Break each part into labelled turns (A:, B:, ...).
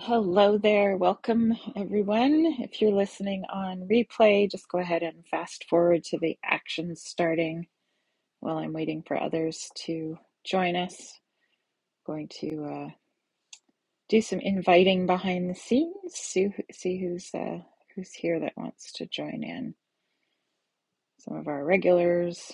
A: Hello there. Welcome, everyone. If you're listening on replay, just go ahead and fast forward to the actions starting while I'm waiting for others to join us. Going to uh, do some inviting behind the scenes, see, see who's, uh, who's here that wants to join in. Some of our regulars,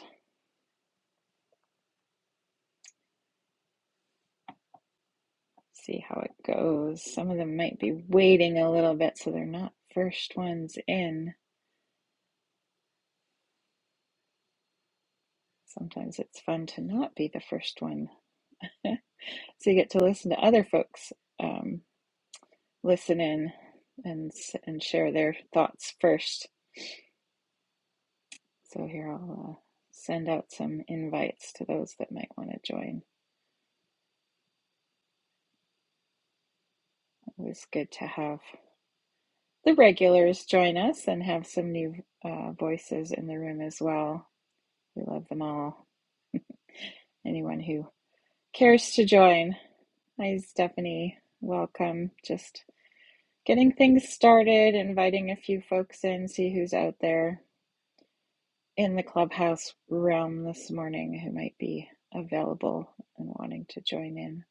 A: see how it goes. Some of them might be waiting a little bit, so they're not first ones in. Sometimes it's fun to not be the first one. So you get to listen to other folks um, listen in and and share their thoughts first. So here I'll uh, send out some invites to those that might want to join. Always good to have the regulars join us and have some new uh, voices in the room as well. We love them all. Anyone who cares to join. Hi, Stephanie. Welcome. Just getting things started, inviting a few folks in, see who's out there in the clubhouse realm this morning who might be available and wanting to join in.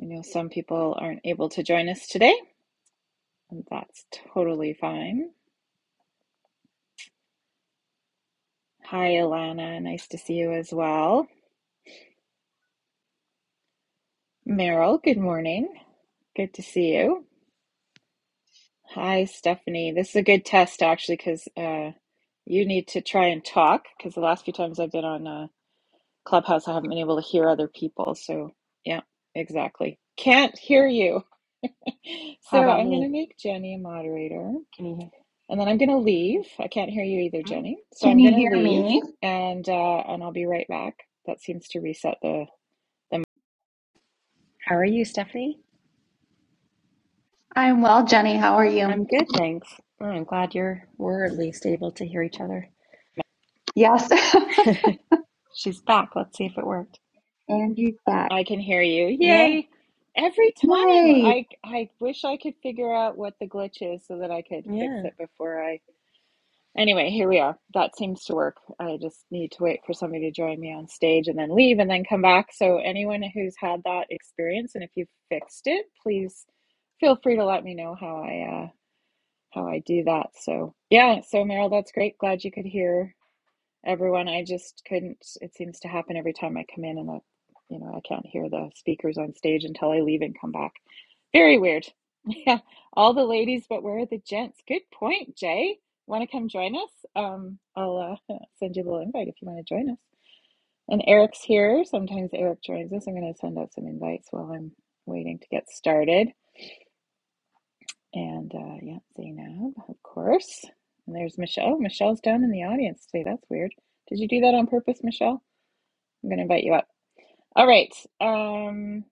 A: I know some people aren't able to join us today, and that's totally fine. Hi, Alana. Nice to see you as well. Meryl, good morning. Good to see you. Hi, Stephanie. This is a good test, actually, because uh, you need to try and talk, because the last few times I've been on uh, Clubhouse, I haven't been able to hear other people. So, yeah, exactly. Can't hear you. So
B: How about
A: I'm going
B: me?
A: to make Jenny a moderator
B: Can you hear
A: and then I'm going to leave.
B: me?
A: I can't hear you either,
B: Mm.
A: Jenny. So
C: Can
A: I'm
C: you
A: going to
C: hear
A: leave
C: me?
A: and uh, and I'll be right back. That seems to reset the the mic.
B: How are you, Stephanie?
C: I'm well, Jenny. How are you?
B: I'm good, thanks. Oh, I'm glad you're we're at least able to hear each other.
C: Yes.
B: She's back. Let's see if it worked.
C: Angie's back.
A: I can hear you.
B: Yay.
A: Yay. Every time
C: Yay.
A: I I wish I could figure out what the glitch is so that I could fix
B: Yeah.
A: it before I Anyway, here we are. That seems to work. I just need to wait for somebody to join me on stage and then leave and then come back. So, anyone who's had that experience and if you've fixed it, please feel free to let me know how I uh, how I do that. So, yeah. So, Meryl, that's great. Glad you could hear everyone. I just couldn't. It seems to happen every time I come in, and I, you know, I can't hear the speakers on stage until I leave and come back. Very weird. Yeah, all the ladies, but where are the gents? Good point, Jay. Want to come join us? Um, I'll uh, send you a little invite if you want to join us. And Eric's here. Sometimes Eric joins us. I'm going to send out some invites while I'm waiting to get started. And uh, yeah, Zainab, of course. And there's Michelle. Michelle's down in the audience today. That's weird. Did you do that on purpose, Michelle? I'm gonna invite you up. All right. Um,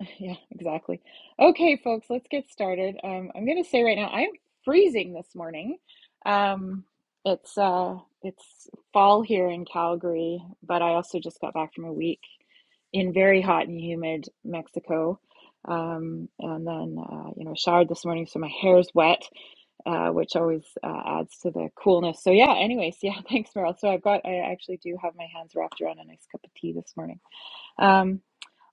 A: yeah, exactly. Okay, folks, let's get started. Um, I'm gonna say right now, I'm freezing this morning. Um, it's uh, it's fall here in Calgary, but I also just got back from a week in very hot and humid Mexico. Um, and then, uh, you know, showered this morning, so my hair's wet, uh, which always uh, adds to the coolness. So, yeah, anyways, yeah, thanks, Meryl. So, I've got, I actually do have my hands wrapped around a nice cup of tea this morning. Um,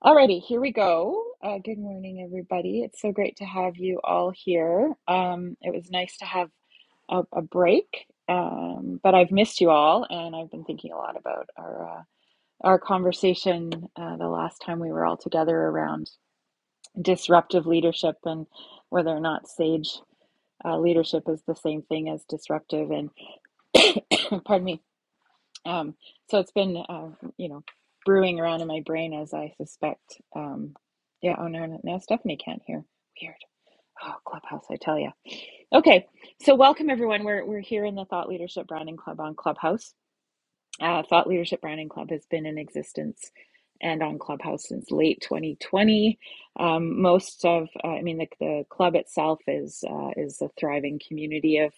A: alrighty, here we go. Uh, good morning, everybody. It's so great to have you all here. Um, it was nice to have a, a break, um, but I've missed you all, and I've been thinking a lot about our uh, our conversation uh, the last time we were all together around disruptive leadership and whether or not sage uh, leadership is the same thing as disruptive. And pardon me um, so it's been, uh, you know, brewing around in my brain as I suspect. Um, yeah. Oh no, no, now Stephanie can't hear. Weird. Oh, Clubhouse, I tell you. Okay, so welcome everyone. We're we're here in the Thought Leadership Branding Club on Clubhouse. Uh, Thought Leadership Branding Club has been in existence and on Clubhouse since late 2020. Um, most of, uh, I mean, the, the club itself is uh, is a thriving community of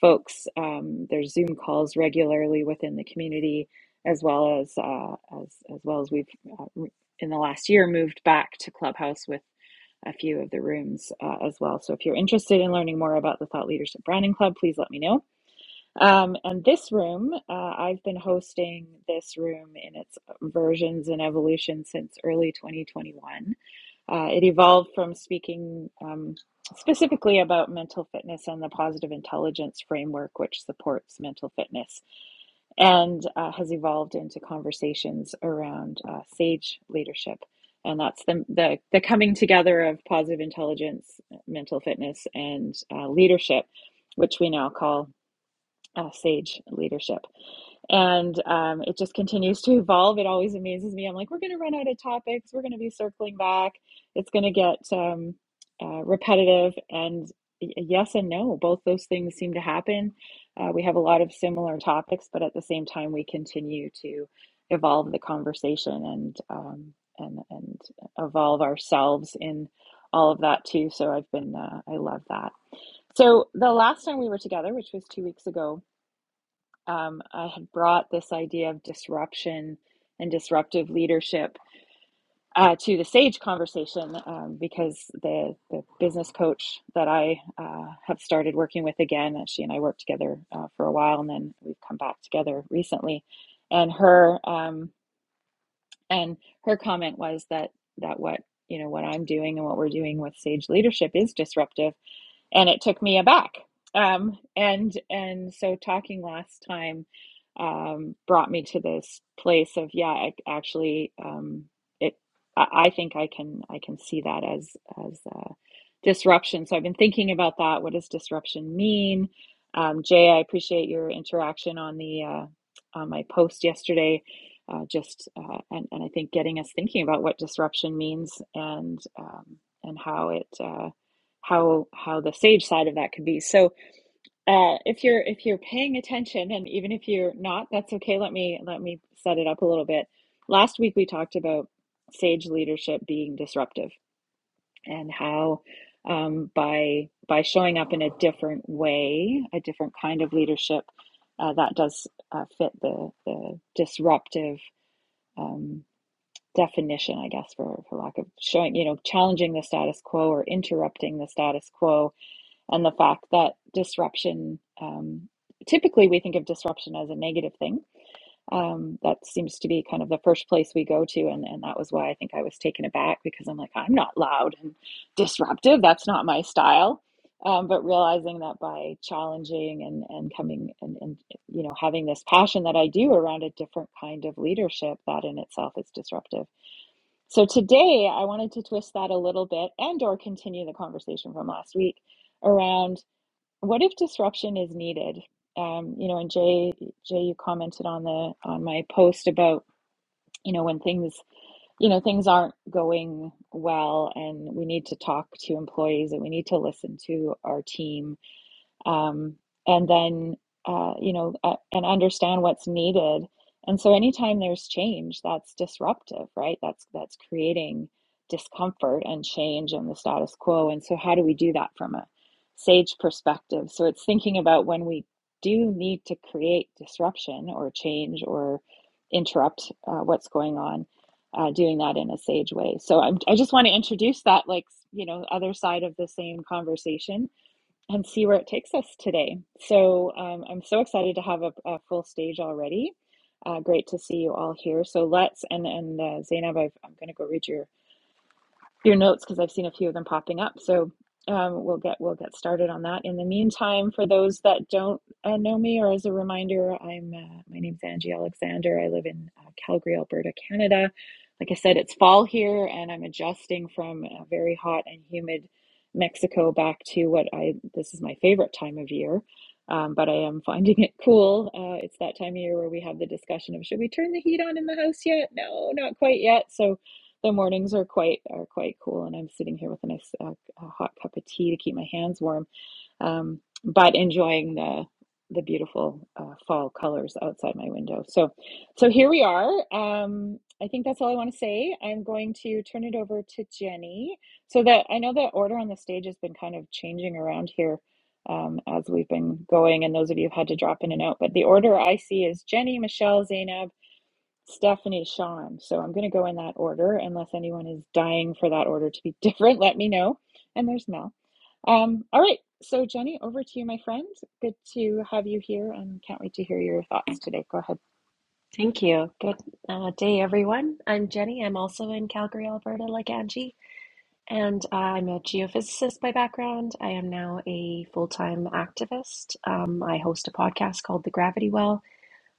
A: folks. Um, there's Zoom calls regularly within the community, as well as uh, as as well as we've uh, re- in the last year moved back to Clubhouse with a few of the rooms uh, as well. So if you're interested in learning more about the Thought Leadership Branding Club, please let me know. Um, and this room, uh, I've been hosting this room in its versions and evolution since early 2021. Uh, it evolved from speaking um, specifically about mental fitness and the positive intelligence framework, which supports mental fitness, and uh, has evolved into conversations around uh, sage leadership. And that's the, the, the coming together of positive intelligence, mental fitness, and uh, leadership, which we now call uh, sage leadership. And um, it just continues to evolve. It always amazes me. I'm like, we're going to run out of topics. We're going to be circling back. It's going to get um, uh, repetitive. And y- yes and no, both those things seem to happen. Uh, we have a lot of similar topics, but at the same time, we continue to evolve the conversation and um, and and evolve ourselves in all of that too. So I've been uh, I love that. So the last time we were together, which was two weeks ago, um, I had brought this idea of disruption and disruptive leadership uh, to the Sage conversation um, because the, the business coach that I uh, have started working with again, uh, she and I worked together uh, for a while and then we've come back together recently. And her um, and her comment was that that what you know what I'm doing and what we're doing with Sage leadership is disruptive and it took me aback. Um, and and so talking last time um, brought me to this place of yeah, I, actually, um, it. I, I think I can I can see that as as uh, disruption. So I've been thinking about that. What does disruption mean? Um, Jay, I appreciate your interaction on the uh, on my post yesterday. Uh, just uh, and and I think getting us thinking about what disruption means and um, and how it. uh, how how the sage side of that could be. So uh, if you're if you're paying attention, and even if you're not, that's okay. Let me let me set it up a little bit. Last week we talked about sage leadership being disruptive and how um, by by showing up in a different way, a different kind of leadership uh, that does uh, fit the the disruptive. Um, definition i guess for for lack of showing you know challenging the status quo or interrupting the status quo and the fact that disruption um, typically we think of disruption as a negative thing um, that seems to be kind of the first place we go to and, and that was why i think i was taken aback because i'm like i'm not loud and disruptive that's not my style um, but realizing that by challenging and, and coming and, and you know having this passion that i do around a different kind of leadership that in itself is disruptive so today i wanted to twist that a little bit and or continue the conversation from last week around what if disruption is needed? Um, you know, and Jay, Jay, you commented on the on my post about you know when things you know things aren't going well, and we need to talk to employees and we need to listen to our team um, and then uh, you know uh, and understand what's needed and so anytime there's change that's disruptive right that's that's creating discomfort and change in the status quo and so how do we do that from a sage perspective so it's thinking about when we do need to create disruption or change or interrupt uh, what's going on uh, doing that in a sage way so I'm, i just want to introduce that like you know other side of the same conversation and see where it takes us today. So um, I'm so excited to have a, a full stage already. Uh, great to see you all here. So let's and and uh, Zainab, I've, I'm going to go read your your notes because I've seen a few of them popping up. So um, we'll get we'll get started on that. In the meantime, for those that don't uh, know me, or as a reminder, I'm uh, my name's Angie Alexander. I live in uh, Calgary, Alberta, Canada. Like I said, it's fall here, and I'm adjusting from a very hot and humid Mexico back to what I this is my favorite time of year. Um, but I am finding it cool. Uh, it's that time of year where we have the discussion of should we turn the heat on in the house yet? No, not quite yet. So the mornings are quite are quite cool, and I'm sitting here with a nice uh, a hot cup of tea to keep my hands warm, um, but enjoying the the beautiful uh, fall colors outside my window. So, so here we are. Um, I think that's all I want to say. I'm going to turn it over to Jenny. So that I know the order on the stage has been kind of changing around here um, as we've been going, and those of you have had to drop in and out. But the order I see is Jenny, Michelle, Zainab. Stephanie, Sean. So I'm going to go in that order, unless anyone is dying for that order to be different. Let me know. And there's Mel. Um, all right. So Jenny, over to you, my friend. Good to have you here, and can't wait to hear your thoughts today. Go ahead.
B: Thank you. Good uh, day, everyone. I'm Jenny. I'm also in Calgary, Alberta, like Angie, and uh, I'm a geophysicist by background. I am now a full-time activist. Um, I host a podcast called The Gravity Well,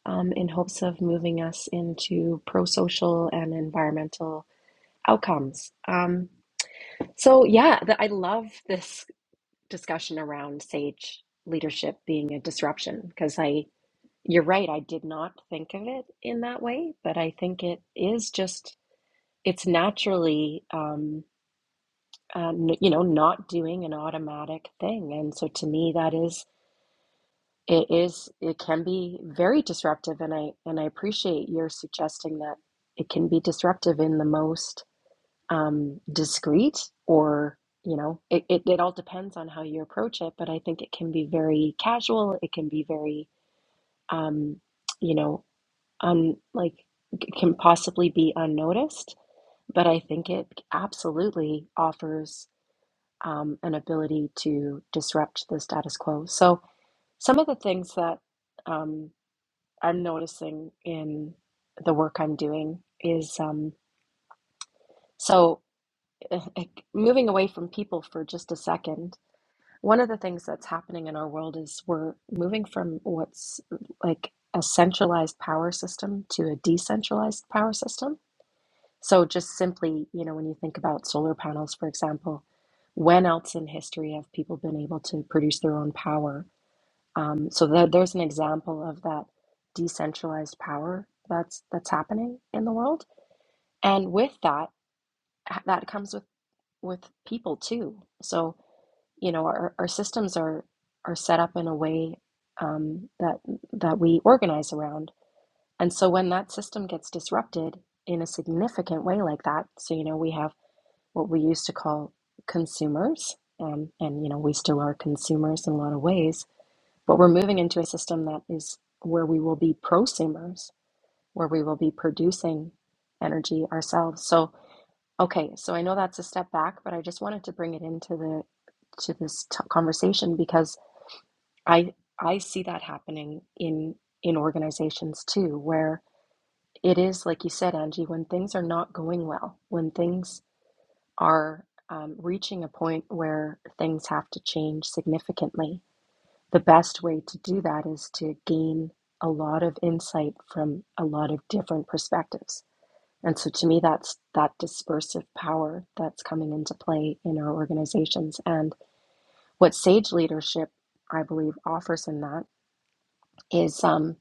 B: um, in hopes of moving us into pro-social and environmental outcomes. Um, So, yeah, the, I love this discussion around sage leadership being a disruption because I, you're right, I did not think of it in that way, but I think it is just, it's naturally, um, uh, n- you know, not doing an automatic thing. And so to me, that is, it is, it can be very disruptive. And I, and I appreciate your suggesting that it can be disruptive in the most um, discreet or you know it, it, it all depends on how you approach it but i think it can be very casual it can be very um, you know un like c- can possibly be unnoticed but i think it absolutely offers um, an ability to disrupt the status quo so some of the things that um, i'm noticing in the work i'm doing is um, so moving away from people for just a second One of the things that's happening in our world is we're moving from what's like a centralized power system to a decentralized power system. So, just simply, you know, when you think about solar panels, for example, when else in history have people been able to produce their own power? Um, so, there there's an example of that decentralized power that's that's happening in the world, and with that, that comes with with people too. So, you know our, our systems are are set up in a way um, that that we organize around and so when that system gets disrupted in a significant way like that so you know we have what we used to call consumers um, and you know we still are consumers in a lot of ways but we're moving into a system that is where we will be prosumers where we will be producing energy ourselves so okay so i know that's a step back but i just wanted to bring it into the to this t- conversation because I I see that happening in in organizations too, where it is like you said, Angie, when things are not going well, when things are um, reaching a point where things have to change significantly. The best way to do that is to gain a lot of insight from a lot of different perspectives. And so to me, that's that dispersive power that's coming into play in our organizations. And what Sage leadership, I believe, offers in that is. um,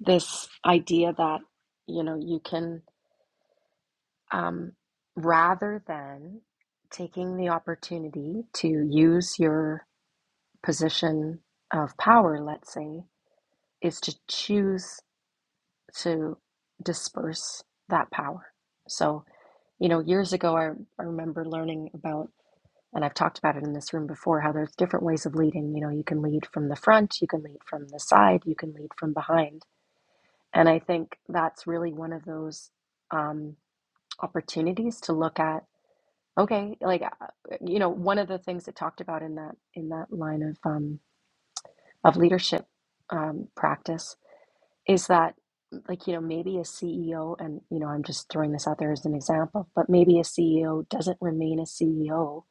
B: this idea that you know you can um, rather than taking the opportunity to use your position of power let's say is to choose to disperse that power so you know years ago I, I remember learning about and i've talked about it in this room before how there's different ways of leading you know you can lead from the front you can lead from the side you can lead from behind and i think that's really one of those um, opportunities to look at okay like uh, you know one of the things it talked about in that in that line of um, of leadership um, practice is that like you know maybe a CEO and you know I'm just throwing this out there as an example but maybe a CEO doesn't remain a CEO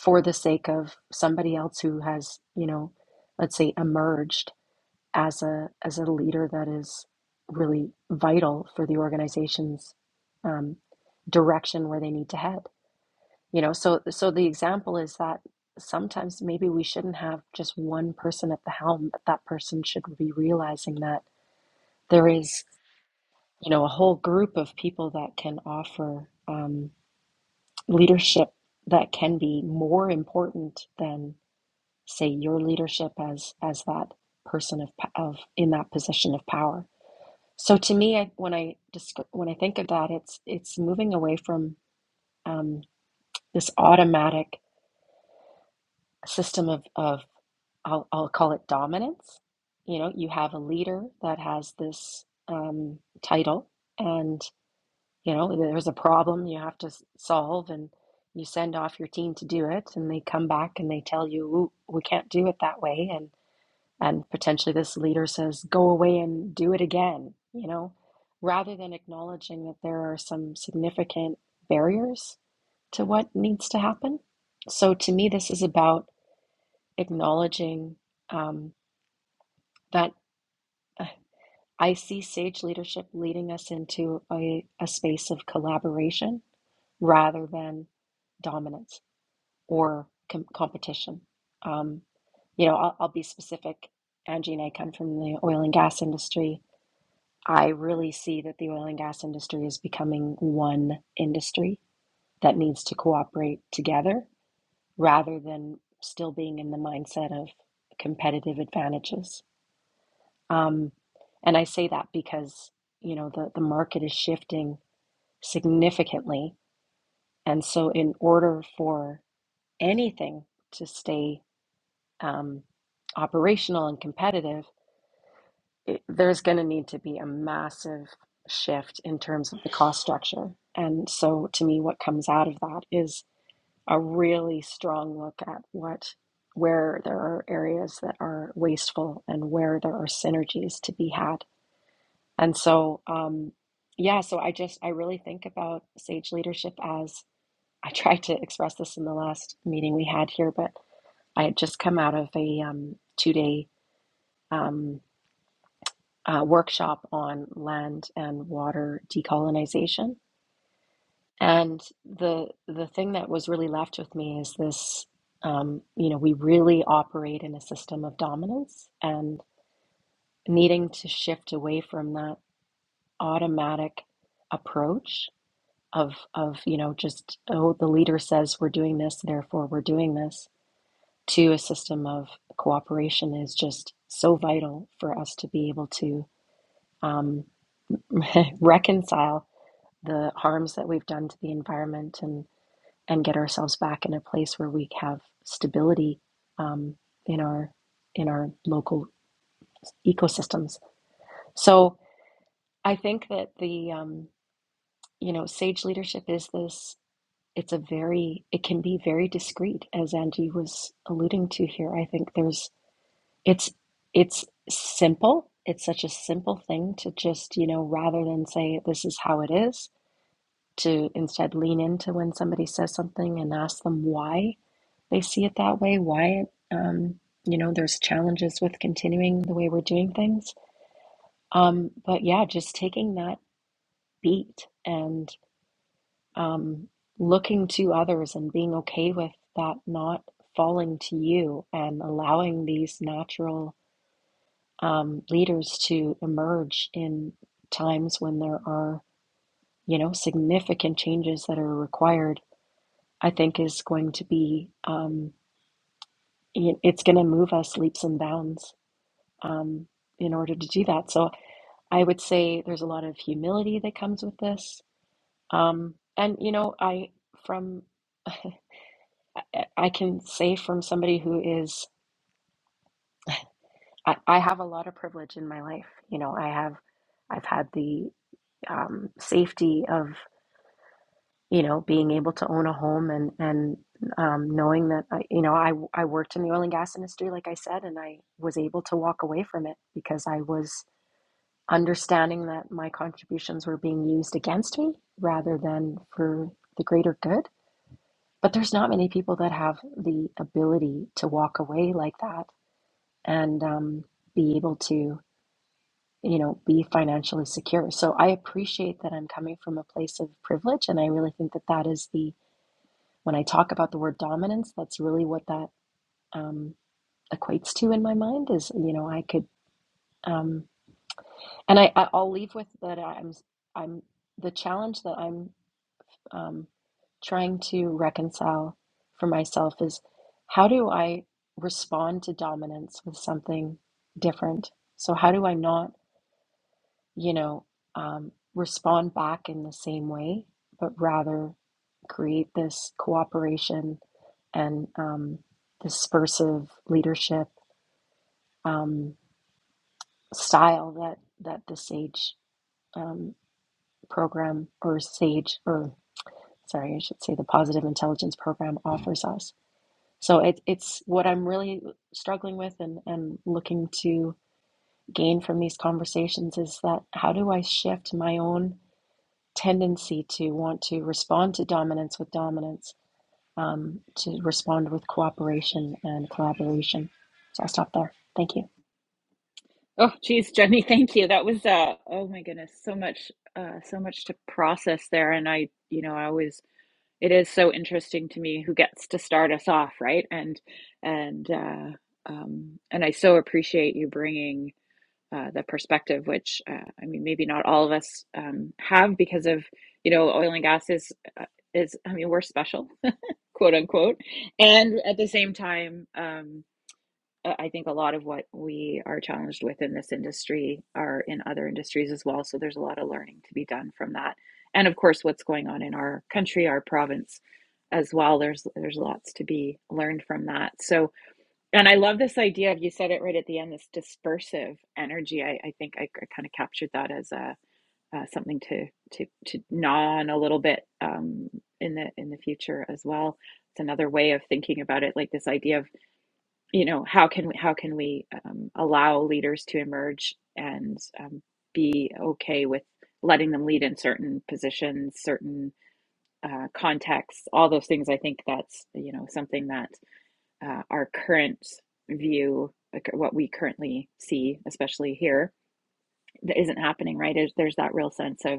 B: for the sake of somebody else who has you know let's say emerged as a as a leader that is really vital for the organization's um, direction where they need to head You know, so so the example is that sometimes maybe we shouldn't have just one person at the helm, but that person should be realizing that there is, you know, a whole group of people that can offer um, leadership that can be more important than, say, your leadership as as that person of p- of in that position of power. So to me, I, when I descri- when I think of that, it's it's moving away from um, this automatic system of, of I'll, I'll call it dominance. You know, you have a leader that has this um, title, and you know, there's a problem you have to solve, and you send off your team to do it, and they come back and they tell you, we can't do it that way," and and potentially this leader says, "Go away and do it again." You know, rather than acknowledging that there are some significant barriers to what needs to happen. So to me, this is about acknowledging um, that uh, I see sage leadership leading us into a, a space of collaboration rather than dominance or com- competition. Um, you know, I'll, I'll be specific. Angie and I come from the oil and gas industry. I really see that the oil and gas industry is becoming one industry that needs to cooperate together rather than still being in the mindset of competitive advantages Um, and I say that because, you know, the, the market is shifting significantly. And so, in order for anything to stay um, operational and competitive, it, there's going to need to be a massive shift in terms of the cost structure. And so, to me, what comes out of that is a really strong look at what where there are areas that are wasteful and where there are synergies to be had And so, um, yeah, so I just, I really think about sage leadership as I tried to express this in the last meeting we had here, but I had just come out of a um, two day um, uh, workshop on land and water decolonization. And the the thing that was really left with me is this, um, you know, we really operate in a system of dominance and needing to shift away from that automatic approach of of you know just oh the leader says we're doing this therefore we're doing this to a system of cooperation is just so vital for us to be able to um, reconcile the harms that we've done to the environment and and get ourselves back in a place where we have stability um, in our in our local ecosystems so I think that the um, you know sage leadership is this it's a very it can be very discreet as angie was alluding to here i think there's it's it's simple it's such a simple thing to just you know rather than say this is how it is to instead lean into when somebody says something and ask them why they see it that way why um, you know there's challenges with continuing the way we're doing things um, but yeah just taking that beat and. um, looking to others and being okay with that not falling to you and allowing these natural um, leaders to emerge in times when there are, you know, significant changes that are required, I think is going to be, um, it- it's going to move us leaps and bounds um, in order to do that. So I would say there's a lot of humility that comes with this. Um, and, you know, I, from. eh, I can say from somebody who is, I, I have a lot of privilege in my life. You know, I have, I've had the um, safety of, you know, being able to own a home and and um, knowing that, I, you know, I I worked in the oil and gas industry, like I said, and I was able to walk away from it because I was understanding that my contributions were being used against me rather than for the greater good. But there's not many people that have the ability to walk away like that and um, be able to you know be financially secure so i appreciate that i'm coming from a place of privilege and i really think that that is the when i talk about the word dominance that's really what that um, equates to in my mind is you know i could um, and I, I i'll leave with that i'm i'm the challenge that i'm um, trying to reconcile for myself is how do i respond to dominance with something different so how do i not you know, um, respond back in the same way, but rather create this cooperation and um, dispersive leadership um, style that that the Sage um, program or Sage or sorry, I should say the Positive Intelligence program offers us. So it, it's what I'm really struggling with and, and looking to gain from these conversations is that how do I shift my own tendency to want to respond to dominance with dominance, um, to respond with cooperation and collaboration. So I'll stop there. Thank you.
A: Oh, geez, Jenny, thank you. That was uh, oh my goodness, so much, uh, so much to process there. And I, you know, I always it is so interesting to me who gets to start us off, right? And and uh, um, and I so appreciate you bringing uh, the perspective, which uh, I mean, maybe not all of us um, have because of you know oil and gas is uh, is I mean we're special, quote unquote, and at the same time, um, I I think a lot of what we are challenged with in this industry are in other industries as well. So there's a lot of learning to be done from that, and of course, what's going on in our country, our province, as well. There's there's lots to be learned from that. So and I love this idea of you said it right at the end, this dispersive energy. I, I think I, I kind of captured that as a uh, something to to to gnaw on a little bit um, in the in the future as well. It's another way of thinking about it, like this idea of you know how can we how can we um, allow leaders to emerge and um, be okay with letting them lead in certain positions, certain uh, contexts, all those things. I think that's you know something that uh, our current view, like what we currently see, especially here, that isn't happening, right? There's, there's that real sense of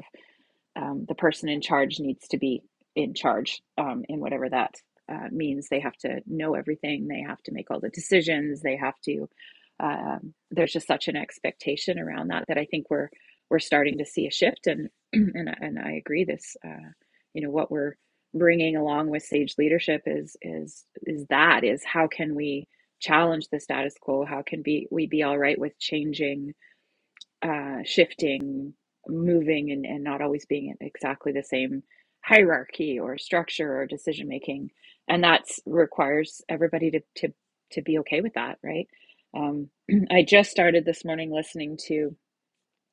A: um, the person in charge needs to be in charge um, in whatever that uh, means. They have to know everything. They have to make all the decisions. They have to. Um, there's just such an expectation around that that I think we're we're starting to see a shift. And and and I agree. This, uh, you know, what we're bringing along with sage leadership is is is that is how can we challenge the status quo? How can be we be all right with changing? uh, shifting, moving, and, and not always being in exactly the same hierarchy or structure or decision making. And that's requires everybody to, to, to be okay with that, right? Um, I just started this morning listening to,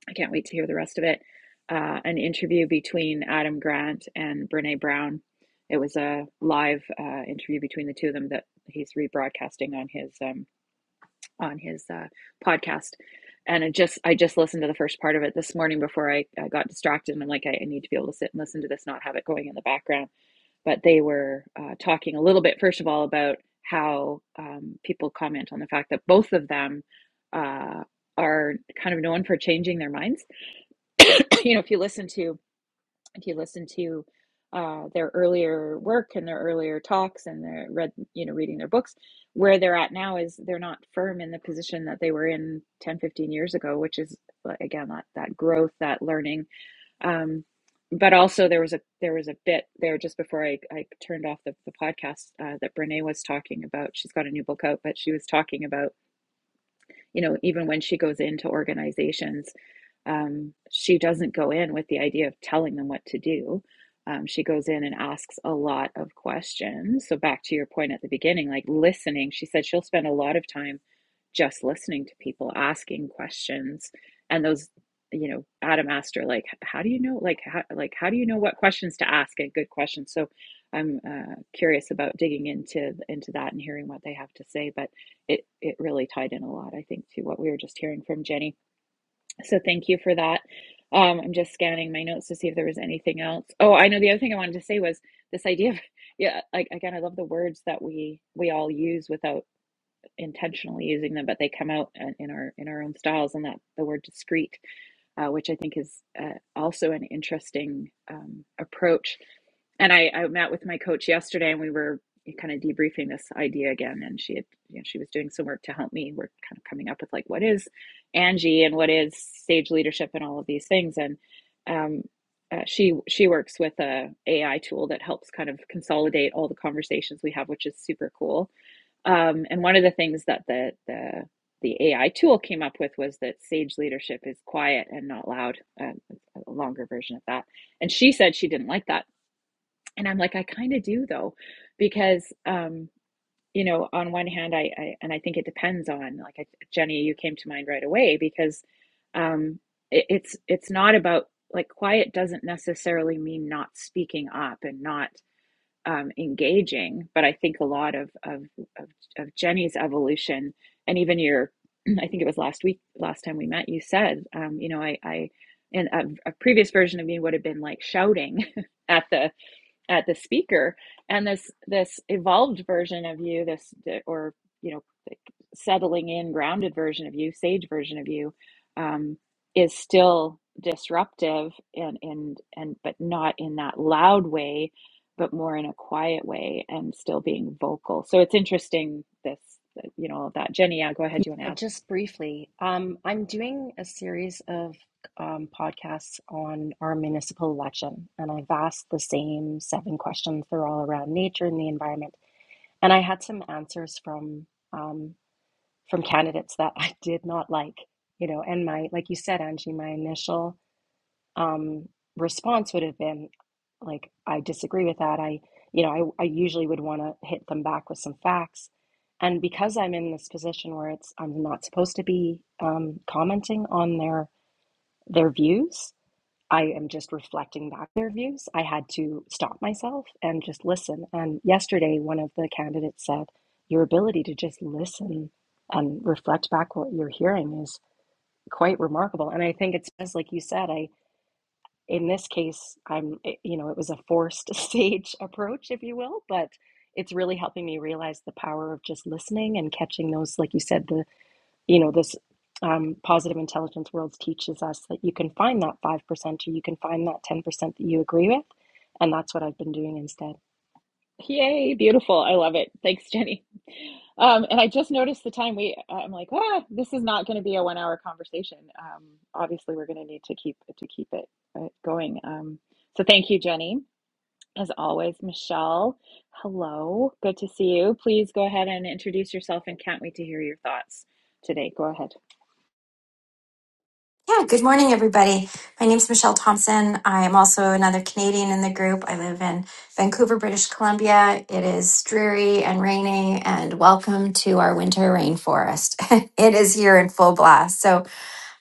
A: I can't wait to hear the rest of it, uh, an interview between Adam Grant and Brene Brown. It was a live uh, interview between the two of them that he's rebroadcasting on his. um on his uh, podcast. And it just I just listened to the first part of it this morning before I, I got distracted. And I'm like, I, I need to be able to sit and listen to this, not have it going in the background. But they were uh, talking a little bit, first of all, about how um, people comment on the fact that both of them uh, are kind of known for changing their minds. you know, if you listen to if you listen to uh, their earlier work and their earlier talks and their read, you know, reading their books, where they're at now is they're not firm in the position that they were in 10, 15 years ago, which is like, again that that growth, that learning. Um, but also there was a there was a bit there just before I, I turned off the, the podcast uh, that Brene was talking about. She's got a new book out, but she was talking about you know, even when she goes into organizations, um, she doesn't go in with the idea of telling them what to do. Um, she goes in and asks a lot of questions. So, back to your point at the beginning, like listening, she said she'll spend a lot of time just listening to people, asking questions. And those, you know, Adam asked her, like, how do you know, like, how, like, how do you know what questions to ask and good questions? So, I'm uh, curious about digging into into that and hearing what they have to say. But it it really tied in a lot, I think, to what we were just hearing from Jenny. So thank you for that. Um, I'm just scanning my notes to see if there was anything else. Oh, I know the other thing I wanted to say was this idea of yeah, like again, I love the words that we we all use without intentionally using them, but they come out uh, in our in our own styles, and that the word discreet, uh, which I think is uh, also an interesting um, approach. And I, I met with my coach yesterday, and we were kind of debriefing this idea again. And she had, you know, she was doing some work to help me. We're kind of coming up with like what is Angie and what is sage leadership and all of these things. And um, uh, she she works with a AI tool that helps kind of consolidate all the conversations we have, which is super cool um, and one of the things that the, the the AI tool came up with was that sage leadership is quiet and not loud. Um, a longer version of that. And she said she didn't like that. And I'm like, I kind of do though, because um, you know, on one hand, I, I and I think it depends on like I, Jenny, you came to mind right away because um, it, it's it's not about like quiet doesn't necessarily mean not speaking up and not um, engaging. But I think a lot of, of of of Jenny's evolution, and even your, I think it was last week, last time we met, you said, um, you know, I I, and a, a previous version of me would have been like shouting at the at the speaker and this this evolved version of you this or you know like settling in grounded version of you sage version of you um, is still disruptive and and and but not in that loud way but more in a quiet way and still being vocal so it's interesting this you know that jenny yeah go ahead you want to
B: Uh,
A: add
B: Just briefly, um, I'm doing a series of um, podcasts on our municipal election, and I've asked the same seven questions. They're all around nature and the environment, and I had some answers from um, from candidates that I did not like. You know, and my like you said, Angie, my initial um, response would have been like, I disagree with that. I, you know, I, I usually would want to hit them back with some facts. And because I'm in this position where it's I'm not supposed to be um, commenting on their their views, I am just reflecting back their views. I had to stop myself and just listen. And yesterday, one of the candidates said, "Your ability to just listen and reflect back what you're hearing is quite remarkable." And I think it's as like you said. I in this case, I'm, eh, you know, it was a forced stage approach, if you will, but it's really helping me realize the power of just listening and catching those, like you said, the, you know, this um, positive intelligence world teaches us that you can find that 5% or you can find that 10% that you agree with. And that's what I've been doing instead.
A: Yay, beautiful. I love it. Thanks, Jenny. Um, and I just noticed the time we, I'm like, ah, this is not going to be a one hour conversation. Um, obviously we're going to need to keep to keep it uh, going. Um, so thank you, Jenny. As always, Michelle, hello. Good to see you. Please go ahead and introduce yourself and can't wait to hear your thoughts today. Go ahead.
D: Yeah, good morning, everybody. My name's Michelle Thompson. I am also another Canadian in the group. I live in Vancouver, British Columbia. It is dreary and rainy, and welcome to our winter rainforest. it is here in full blast. So,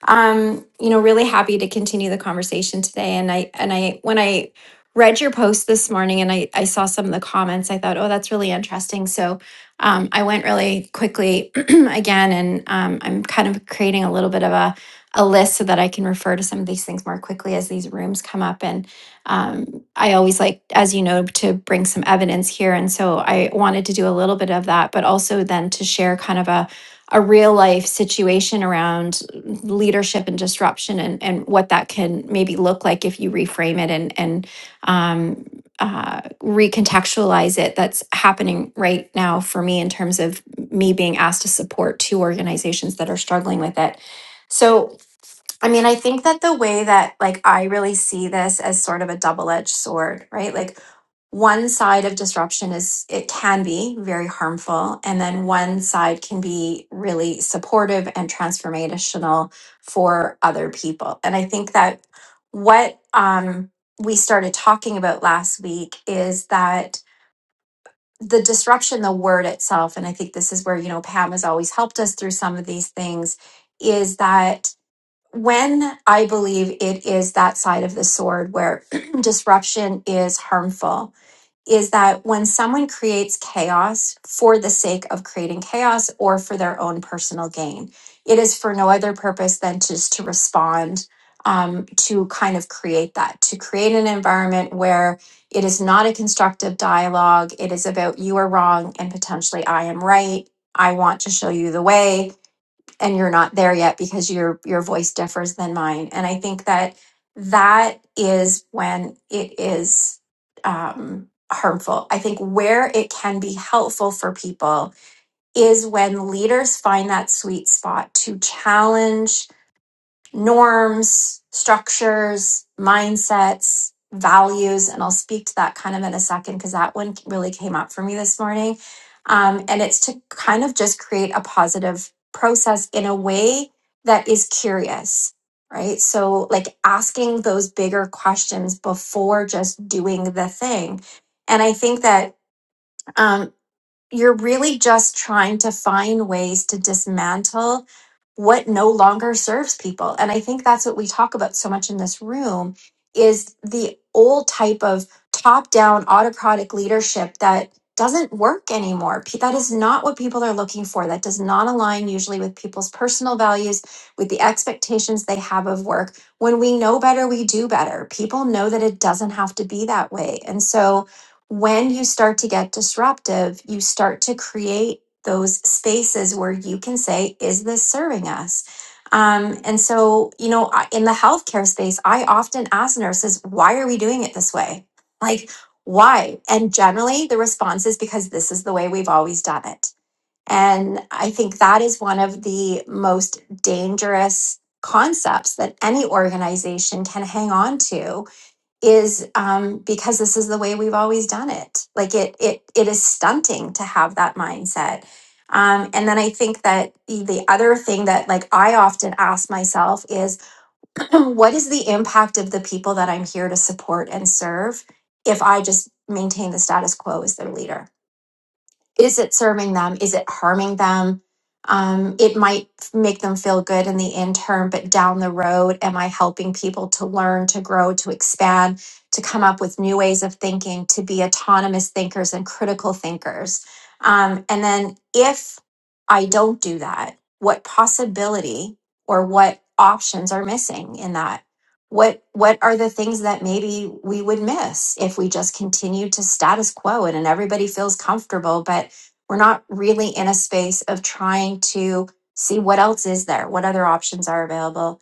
D: um, you know, really happy to continue the conversation today. And I and I when I read your post this morning and I, I saw some of the comments, I thought, oh, that's really interesting. So um, I went really quickly again, and um, I'm kind of creating a little bit of a a list so that I can refer to some of these things more quickly as these rooms come up. And um, I always like, as you know, to bring some evidence here. And so I wanted to do a little bit of that, but also then to share kind of a a real life situation around leadership and disruption and, and what that can maybe look like if you reframe it and, and um, uh, recontextualize it that's happening right now for me in terms of me being asked to support two organizations that are struggling with it. So I mean, I think that the way that like I really see this as sort of a double-edged sword, right? Like one side of disruption is it can be very harmful, and then one side can be really supportive and transformational for other people. And I think that what um, we started talking about last week is that the disruption, the word itself, and I think this is where, you know, Pam has always helped us through some of these things, is that when I believe it is that side of the sword where disruption is harmful, is that when someone creates chaos for the sake of creating chaos or for their own personal gain, it is for no other purpose than just to respond um, to kind of create that, to create an environment where it is not a constructive dialogue. It is about you are wrong and potentially I am right. I want to show you the way and you're not there yet because your your voice differs than mine and i think that that is when it is um, harmful i think where it can be helpful for people is when leaders find that sweet spot to challenge norms, structures, mindsets, values, and I'll speak to that kind of in a second because that one really came up for me this morning. Um, and it's to kind of just create a positive process in a way that is curious, right? So, like asking those bigger questions before just doing the thing. And I think that um, you're really just trying to find ways to dismantle what no longer serves people and i think that's what we talk about so much in this room is the old type of top down autocratic leadership that doesn't work anymore Pe- that is not what people are looking for that does not align usually with people's personal values with the expectations they have of work when we know better we do better people know that it doesn't have to be that way and so when you start to get disruptive, you start to create those spaces where you can say, is this serving us? Um, and so, you know, I- in the healthcare space, I often ask nurses, why are we doing it this way? Like, why? And generally, the response is because this is the way we've always done it. And I think that is one of the most dangerous concepts that any organization can hang on to is um, because this is the way we've always done it. Like it, it, it is stunting to have that mindset. Um, and then I think that the the other thing that like I often ask myself is, what is the impact of the people that I'm here to support and serve if I just maintain the status quo as their leader? is it serving them is it harming them um, it might make them feel good in the interim but down the road am i helping people to learn to grow to expand to come up with new ways of thinking to be autonomous thinkers and critical thinkers um, and then if i don't do that what possibility or what options are missing in that what what are the things that maybe we would miss if we just continued to status quo it and everybody feels comfortable but we're not really in a space of trying to see what else is there what other options are available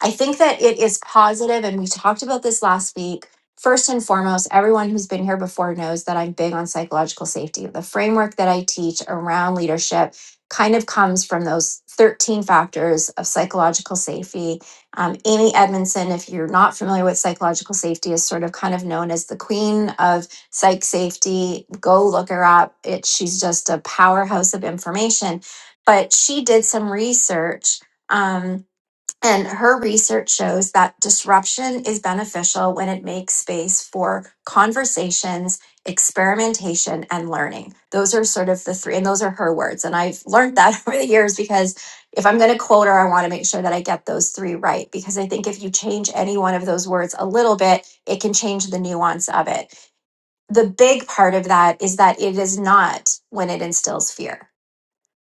D: I think that it is positive, and we talked about this last week. First and foremost, everyone who's been here before knows that I'm big on psychological safety. The framework that I teach around leadership kind of comes from those 13 factors of psychological safety. Um, Amy Edmondson, if you're not familiar with psychological safety, is sort of kind of known as the queen of psych safety. Go look her up. It, she's just a powerhouse of information. But she did some research. um, and her research shows that disruption is beneficial when it makes space for conversations, experimentation, and learning. Those are sort of the three, and those are her words. And I've learned that over the years because if I'm going to quote her, I want to make sure that I get those three right. Because I think if you change any one of those words a little bit, it can change the nuance of it. The big part of that is that it is not when it instills fear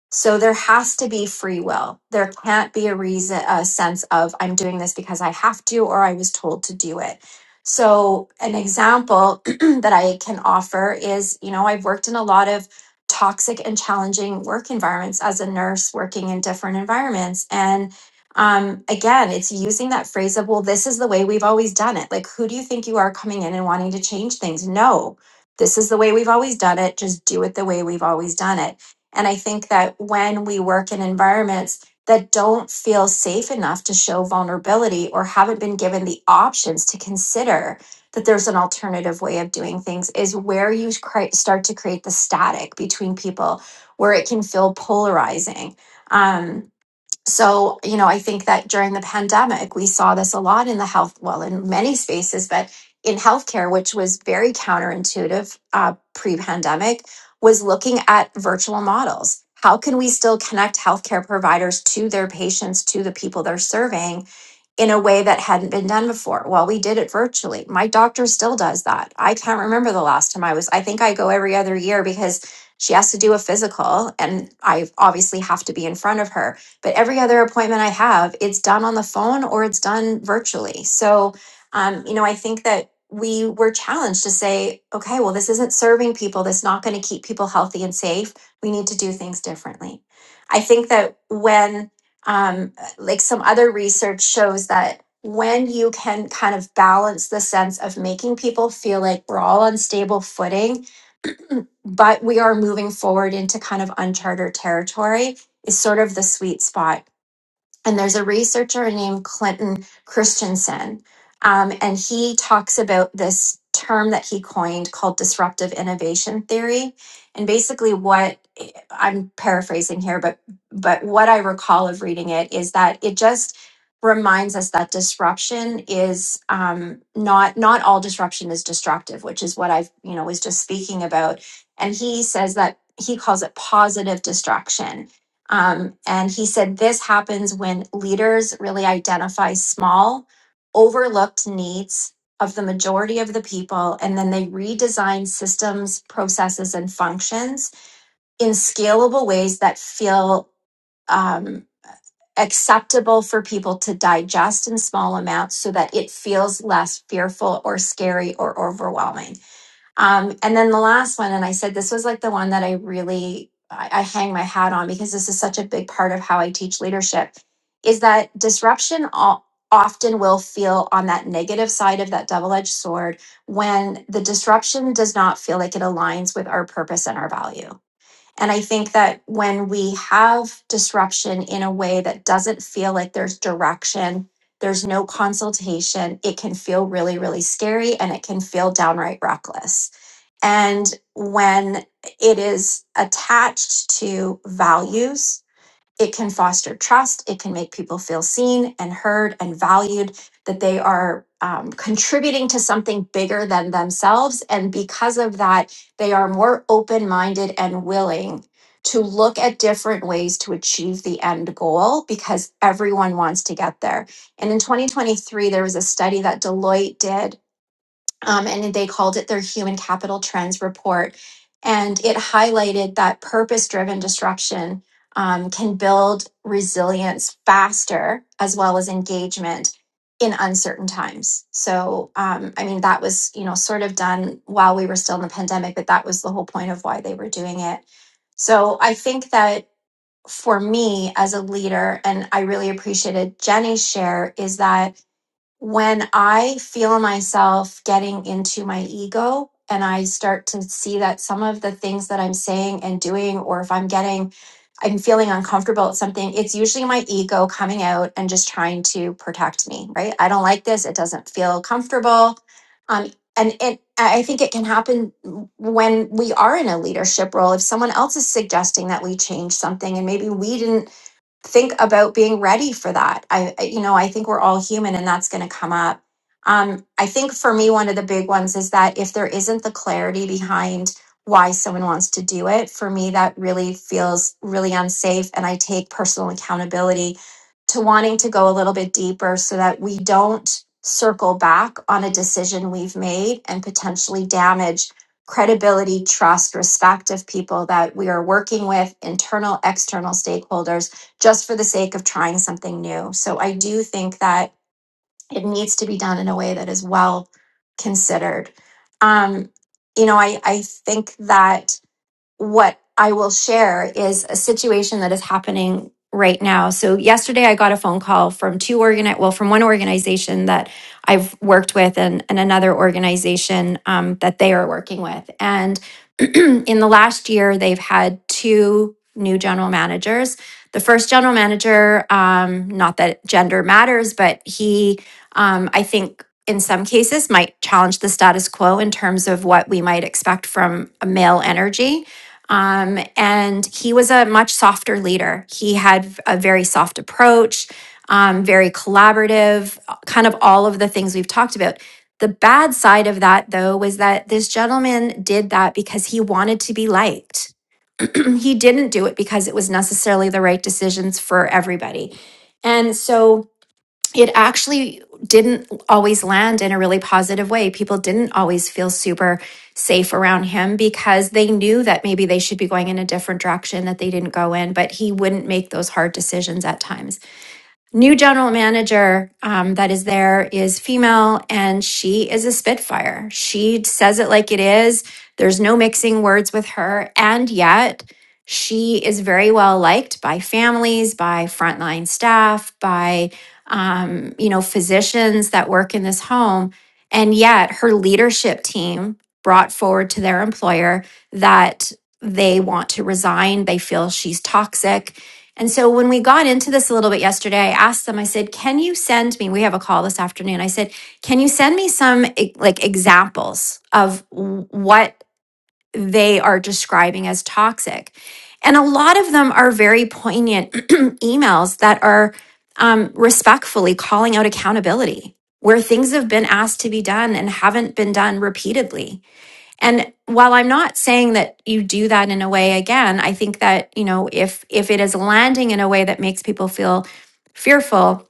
D: so there has to be free will. There can't be a reason, a sense of I'm doing this because I have to or I was told to do it. So an example that I can offer is, you know, I've worked in a lot of toxic and challenging work environments as a nurse working in different environments and um, again, it's using that phrase of, well, this is the way we've always done it. Like, who do you think you are coming in and wanting to change things? No, this is the way we've always done it. Just do it the way we've always done it and I think that when we work in environments that don't feel safe enough to show vulnerability or haven't been given the options to consider that there's an alternative way of doing things, is where you cri- start to create the static between people, where it can feel polarizing. Um, so, you know, I think that during the pandemic, we saw this a lot in the health, well, in many spaces, but in healthcare, which was very counterintuitive uh, pre pandemic, was looking at virtual models. How can we still connect healthcare providers to their patients, to the people they're serving, in a way that hadn't been done before. Well, we did it virtually. My doctor still does that. I can't remember the last time I was. I think I go every other year because she has to do a physical and I obviously have to be in front of her. But every other appointment I have, it's done on the phone or it's done virtually. So, um, you know, I think that we were challenged to say, okay, well, this isn't serving people. This is not going to keep people healthy and safe. We need to do things differently. I think that when, um, like some other research shows that when you can kind of balance the sense of making people feel like we're all on stable footing, but we are moving forward into kind of uncharted territory is sort of the sweet spot and there's a researcher named Clinton Christensen, um, and he talks about this term that he coined called disruptive innovation theory. And basically, what I'm paraphrasing here, but but what I recall of reading it is that it just reminds us that disruption is um, not not all disruption is destructive, which is what I've you know was just speaking about. And he says that he calls it positive distraction um, and he said this happens when leaders really identify small, overlooked needs of the majority of the people, and then they redesign systems, processes, and functions in scalable ways that feel um, acceptable for people to digest in small amounts so that it feels less fearful or scary or overwhelming. Um, and then the last one, and I said this was like the one that I really I, I hang my hat on because this is such a big part of how I teach leadership, is that disruption all, often will feel on that negative side of that double-edged sword when the disruption does not feel like it aligns with our purpose and our value. And I think that when we have disruption in a way that doesn't feel like there's direction, there's no consultation, it can feel really, really scary and it can feel downright reckless. And when it is attached to values, it can foster trust. It can make people feel seen and heard and valued, that they are um, contributing to something bigger than themselves. And because of that, they are more open minded and willing to look at different ways to achieve the end goal because everyone wants to get there. And in 2023, there was a study that Deloitte did um, and they called it their Human Capital Trends Report. And it highlighted that purpose driven disruption um, can build resilience faster as well as engagement in uncertain times. So, um, I mean, that was, you know, sort of done while we were still in the pandemic, but that was the whole point of why they were doing it. So, I think that for me as a leader, and I really appreciated Jenny's share, is that when I feel myself getting into my ego and I start to see that some of the things that I'm saying and doing, or if I'm getting, I'm feeling uncomfortable at something, it's usually my ego coming out and just trying to protect me, right? I don't like this. It doesn't feel comfortable. Um, and it, I think it can happen when we are in a leadership role. If someone else is suggesting that we change something and maybe we didn't think about being ready for that. I, I- you know, I think we're all human and that's going to come up. Um, I think for me, one of the big ones is that if there isn't the clarity behind why someone wants to do it, for me, that really feels really unsafe. And I take personal accountability to wanting to go a little bit deeper so that we don't circle back on a decision we've made and potentially damage credibility, trust, respect of people that we are working with, internal, external stakeholders just for the sake of trying something new. So I do think that it needs to be done in a way that is well considered. Um, you know, I, I think that what I will share is a situation that is happening right now. So yesterday I got a phone call from two organ well from one organization that I've worked with and, and another organization um, that they are working with. And in the last year they've had two new general managers. The first general manager, um, not that gender matters, but he um, I think in some cases might challenge the status quo in terms of what we might expect from a male energy um, and he was a much softer leader. He had a very soft approach, um, very collaborative, kind of all of the things we've talked about. The bad side of that, though, was that this gentleman did that because he wanted to be liked. he didn't do it because it was necessarily the right decisions for everybody. And so, it actually didn't always land in a really positive way. People didn't always feel super safe around him because they knew that maybe they should be going in a different direction that they didn't go in, but he wouldn't make those hard decisions at times. New general manager um, that is there is female and she is a spitfire. She says it like it is. There's no mixing words with her. And yet, she is very well liked by families, by frontline staff, by um, you know physicians that work in this home. And yet, her leadership team brought forward to their employer that they want to resign. They feel she's toxic and so when we got into this a little bit yesterday, I asked them, I said, can you send me, we have a call this afternoon. I said, can you send me some e- like examples of what they are describing as toxic? And a lot of them are very poignant emails that are um, respectfully calling out accountability where things have been asked to be done and haven't been done repeatedly. And while I'm not saying that you do that in a way again, I think that, you know, if if it is landing in a way that makes people feel fearful,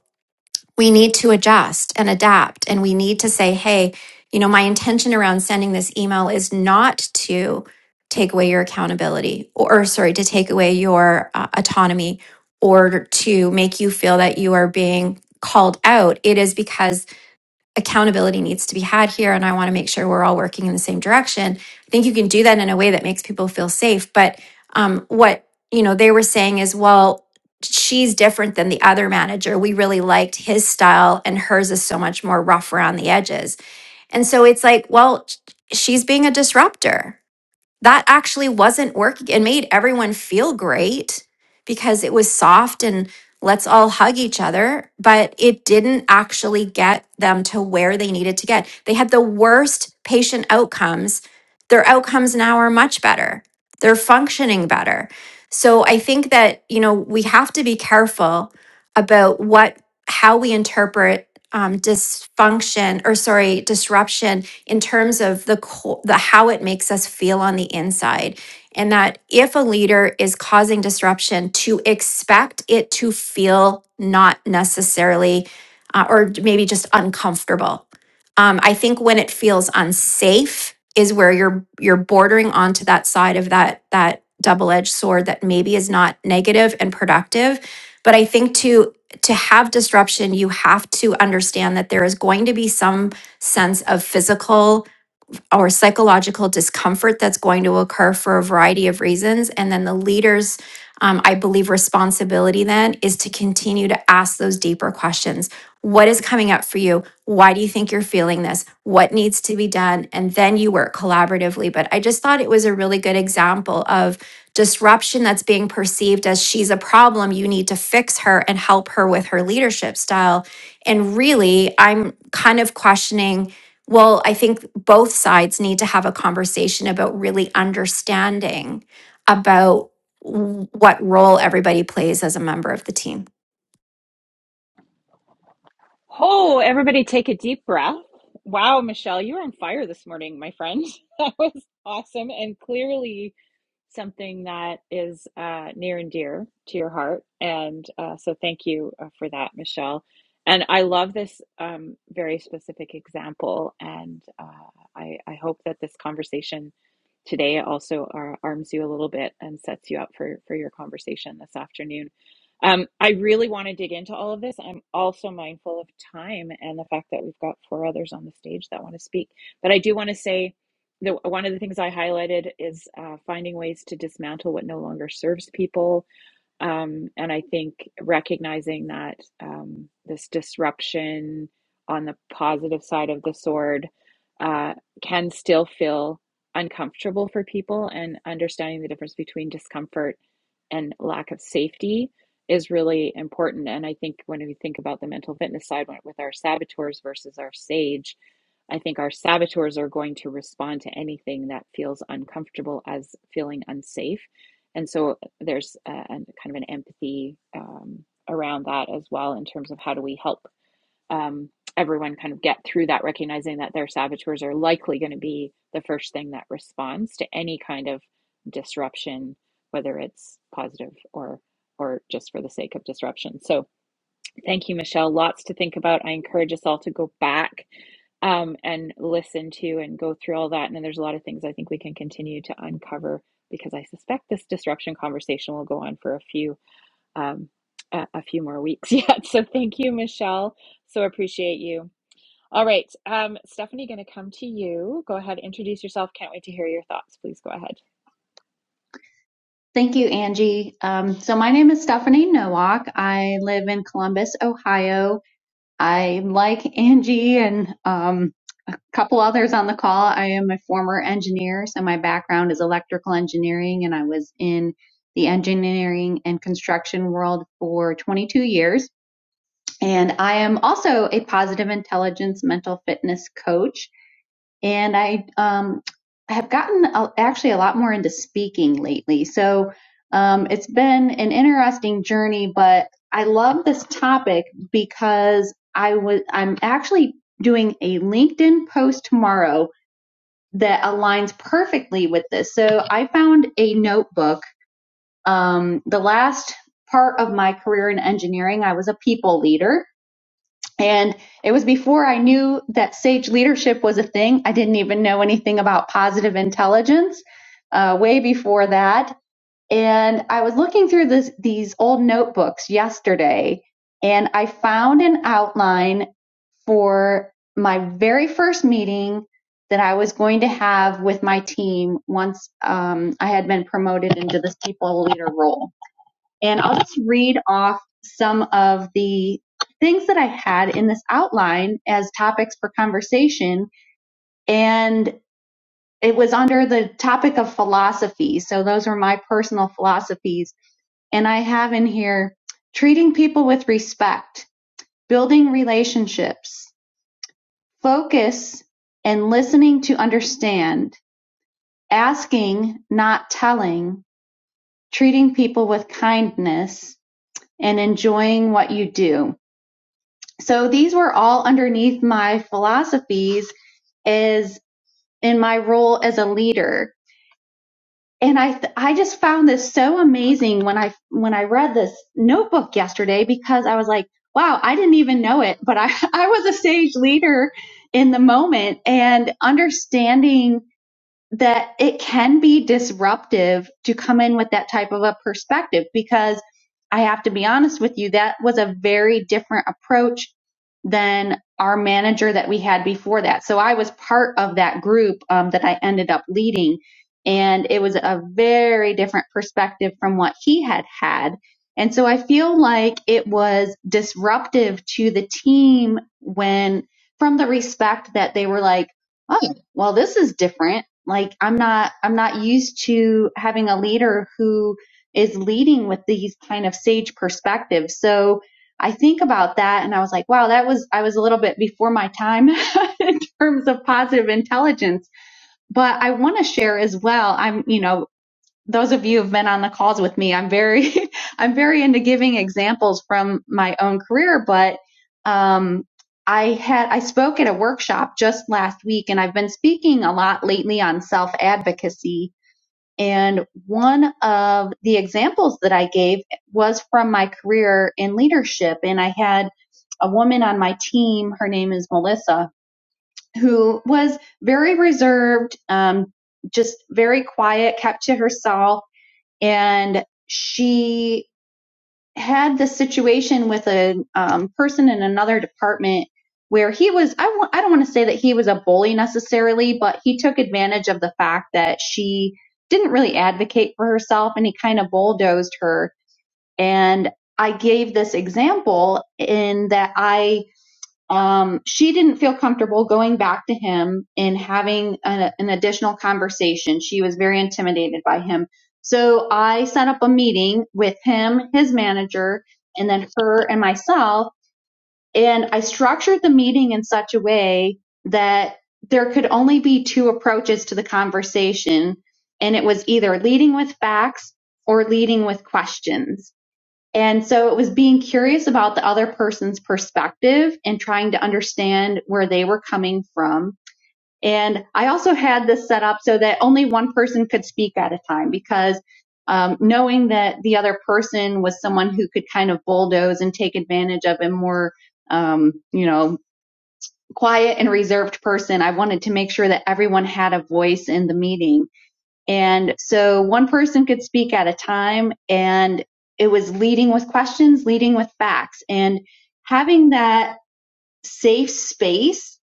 D: we need to adjust and adapt and we need to say, "Hey, you know, my intention around sending this email is not to take away your accountability or, or, sorry, to take away your uh, autonomy or to make you feel that you are being called out. It is because accountability needs to be had here and I want to make sure we're all working in the same direction. I think you can do that in a way that makes people feel safe. But um, what you know they were saying is, well, she's different than the other manager. We really liked his style and hers is so much more rough around the edges. And so it's like, well, she's being a disruptor that actually wasn't working. It made everyone feel great because it was soft and let's all hug each other, but it didn't actually get them to where they needed to get. They had the worst patient outcomes. Their outcomes now are much better, they're functioning better. So I think that, you know, we have to be careful about what, how we interpret. Um, dysfunction or sorry disruption in terms of the the how it makes us feel on the inside and that if a leader is causing disruption to expect it to feel not necessarily uh, or maybe just uncomfortable um, i think when it feels unsafe is where you're you're bordering onto that side of that that double-edged sword that maybe is not negative and productive but i think to to have disruption you have to understand that there is going to be some sense of physical or psychological discomfort that's going to occur for a variety of reasons. And then the leader's, um, I believe, responsibility then is to continue to ask those deeper questions. What is coming up for you? Why do you think you're feeling this? What needs to be done? And then you work collaboratively. But I just thought it was a really good example of disruption that's being perceived as she's a problem. You need to fix her and help her with her leadership style. And really, I'm kind of questioning well, I think both sides need to have a conversation about really understanding about w- what role everybody plays as a member of the team.
A: Oh, everybody take a deep breath. Wow, Michelle, you were on fire this morning, my friend. That was awesome and clearly something that is uh, near and dear to your heart. And uh, so thank you uh, for that, Michelle. And I love this um, very specific example. And uh, I, I hope that this conversation today also uh, arms you a little bit and sets you up for, for your conversation this afternoon. Um, I really want to dig into all of this. I'm also mindful of time and the fact that we've got four others on the stage that want to speak. But I do want to say, the, one of the things I highlighted is uh, finding ways to dismantle what no longer serves people um, and I think recognizing that um, this disruption on the positive side of the sword uh, can still feel uncomfortable for people, and understanding the difference between discomfort and lack of safety is really important. And I think when we think about the mental fitness side with our saboteurs versus our sage, I think our saboteurs are going to respond to anything that feels uncomfortable as feeling unsafe. and so there's a, an kind of an empathy um, around that as well in terms of how do we help um, everyone kind of get through that, recognizing that their saboteurs are likely going to be the first thing that responds to any kind of disruption, whether it's positive or or just for the sake of disruption. So Thank you, Michelle. Lots to think about. I encourage us all to go back um, and listen to and go through all that. And then there's a lot of things I think we can continue to uncover because I suspect this disruption conversation will go on for a few um, a, a few more weeks yet. So thank you, Michelle. So appreciate you. All right, um, Stephanie, going to come to you. Go ahead, introduce yourself. Can't wait to hear your thoughts. Please go ahead.
C: Thank you, Angie. Um, so my name is Stephanie Nowak. I live in Columbus, Ohio. I like Angie and um, a couple others on the call. I am a former engineer, so my background is electrical engineering, and I was in the engineering and construction world for 22 years. And I am also a positive intelligence mental fitness coach. and I um, have gotten a, actually a lot more into speaking lately. So um, it's been an interesting journey, but I love this topic because I was I'm actually doing a LinkedIn post tomorrow that aligns perfectly with this. So I found a notebook. Um, the last part of my career in engineering, I was a people leader. And it was before I knew that sage leadership was a thing. I didn't even know anything about positive intelligence, uh, way before that. And I was looking through this, these old notebooks yesterday, and I found an outline for my very first meeting that I was going to have with my team once um, I had been promoted into this people leader role. And I'll just read off some of the things that I had in this outline as topics for conversation. And it was under the topic of philosophy. So those are my personal philosophies. And I have in here treating people with respect, building relationships, focus and listening to understand, asking, not telling, treating people with kindness, and enjoying what you do. so these were all underneath my philosophies as in my role as a leader and i th- i just found this so amazing when i when i read this notebook yesterday because i was like wow i didn't even know it but i i was a sage leader in the moment and understanding that it can be disruptive to come in with that type of a perspective because I have to be honest with you, that was a very different approach than our manager that we had before that. So I was part of that group um, that I ended up leading, and it was a very different perspective from what he had had. And so I feel like it was disruptive to the team when, from the respect that they were like, oh, well, this is different like I'm not I'm not used to having a leader who is leading with these kind of sage perspectives. So I think about that and I was like, wow, that was I was a little bit before my time in terms of positive intelligence. But I want to share as well. I'm, you know, those of you who've been on the calls with me, I'm very, I'm very into giving examples from my own career, but um, I had, I spoke at a workshop just last week and I've been speaking a lot lately on self advocacy. And one of the examples that I gave was from my career in leadership. And I had a woman on my team, her name is Melissa, who was very reserved, um, just very quiet, kept to herself and she had this situation with a um, person in another department where he was I w- I don't want to say that he was a bully necessarily but he took advantage of the fact that she didn't really advocate for herself and he kind of bulldozed her and I gave this example in that I um, she didn't feel comfortable going back to him and having a, an additional conversation. She was very intimidated by him. So I set up a meeting with him, his manager, and then her and myself. And I structured the meeting in such a way that there could only be two approaches to the conversation. And it was either leading with facts or leading with questions and so it was being curious about the other person's perspective and trying to understand where they were coming from. And I also had this set up so that only one person could speak at a time because um, knowing that the other person was someone who could kind of bulldoze and take advantage of a more, um, you know, quiet and reserved person, I wanted to make sure that everyone had a voice in the meeting. And so one person could speak at a time and it was leading with questions, leading with facts and having that safe space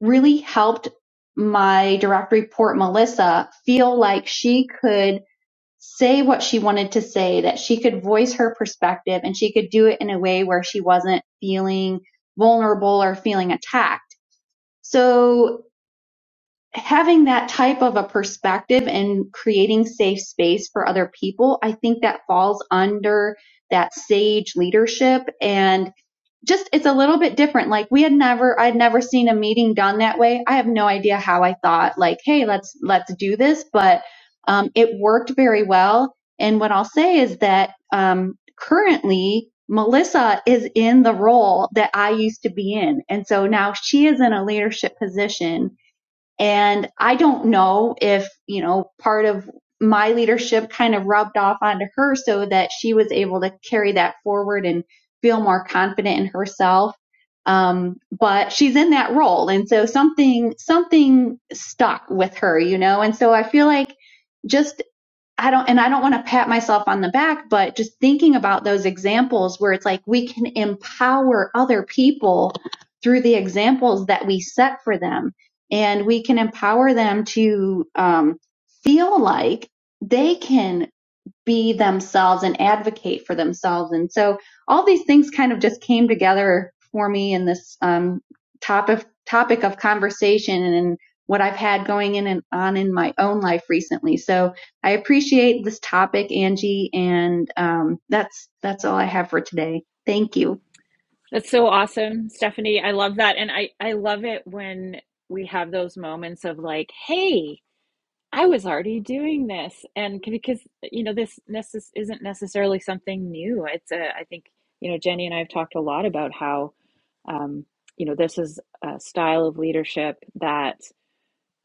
C: really helped my direct report, Melissa, feel like she could say what she wanted to say, that she could voice her perspective and she could do it in a way where she wasn't feeling vulnerable or feeling attacked. So having that type of a perspective and creating safe space for other people, I think that falls under that sage leadership and just it's a little bit different. Like we had never I'd never seen a meeting done that way. I have no idea how I thought like, hey, let's let's do this, but um, it worked very well. And what I'll say is that um, currently Melissa is in the role that I used to be in. And so now she is in a leadership position and I don't know if, you know, part of my leadership kind of rubbed off onto her so that she was able to carry that forward and feel more confident in herself. Um, but she's in that role. And so something, something stuck with her, you know? And so I feel like just. I don't, and I don't want to pat myself on the back, but just thinking about those examples where it's like we can empower other people through the examples that we set for them. And we can empower them to um, feel like they can be themselves and advocate for themselves. And so all these things kind of just came together for me in this um, topic topic of conversation and what I've had going in and on in my own life recently. So I appreciate this topic, Angie, and um, that's that's all I have for today. Thank you.
A: That's so awesome, Stephanie. I love that. And I, I love it when we have those moments of like, hey, I was already doing this. And c- because, you know, this necess- isn't necessarily something new. It's a, I think, you know, Jenny and I have talked a lot about how, um, you know, this is a style of leadership that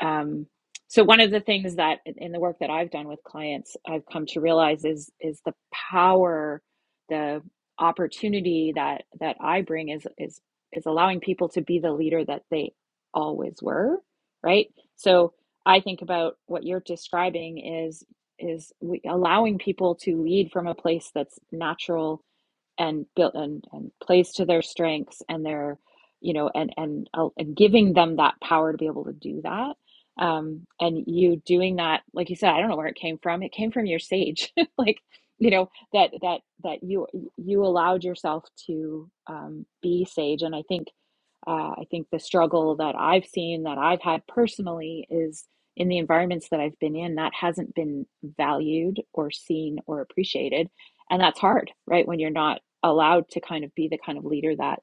A: um, so one of the things that in the work that I've done with clients, I've come to realize is is the power, the opportunity that that I bring is is is allowing people to be the leader that they always were, right? So I think about what you're describing is is we, allowing people to lead from a place that's natural and built and, and plays to their strengths and their you know and and uh, and giving them that power to be able to do that um and you doing that like you said i don't know where it came from it came from your sage like you know that that that you you allowed yourself to um be sage and i think uh, I think the struggle that I've seen, that I've had personally, is in the environments that I've been in, that hasn't been valued or seen or appreciated. And that's hard, right? When you're not allowed to kind of be the kind of leader that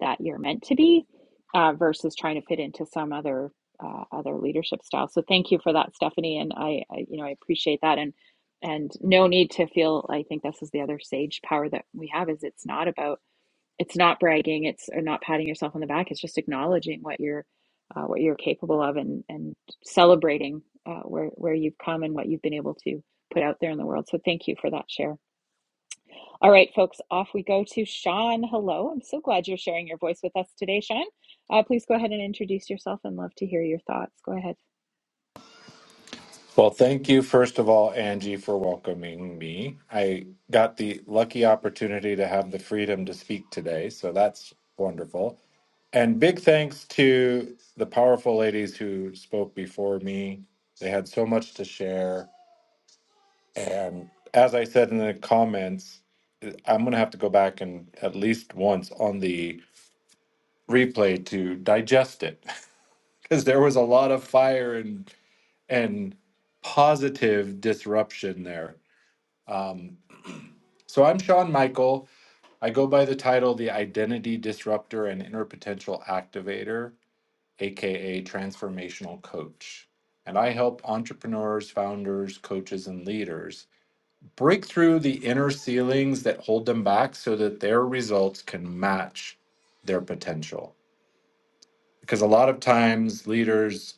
A: that you're meant to be, uh, versus trying to fit into some other uh, other leadership style. So thank you for that, Stephanie, and I, I you know I appreciate that and and no need to feel. I think this is the other sage power that we have is it's not about it's not bragging it's or not patting yourself on the back it's just acknowledging what you're uh, what you're capable of and and celebrating uh, where where you've come and what you've been able to put out there in the world so thank you for that share all right folks off we go to sean hello i'm so glad you're sharing your voice with us today sean uh, please go ahead and introduce yourself and love to hear your thoughts go ahead
E: Well, thank you, first of all, Angie, for welcoming me. I got the lucky opportunity to have the freedom to speak today, so that's wonderful. And big thanks to the powerful ladies who spoke before me. They had so much to share. And as I said in the comments, I'm going to have to go back and at least once on the replay to digest it because there was a lot of fire and and positive disruption there. Um, So I'm Sean Michael. I go by the title The Identity Disruptor and Inner Potential Activator, aka Transformational Coach. And I help entrepreneurs, founders, coaches, and leaders break through the inner ceilings that hold them back so that their results can match their potential. Because a lot of times, leaders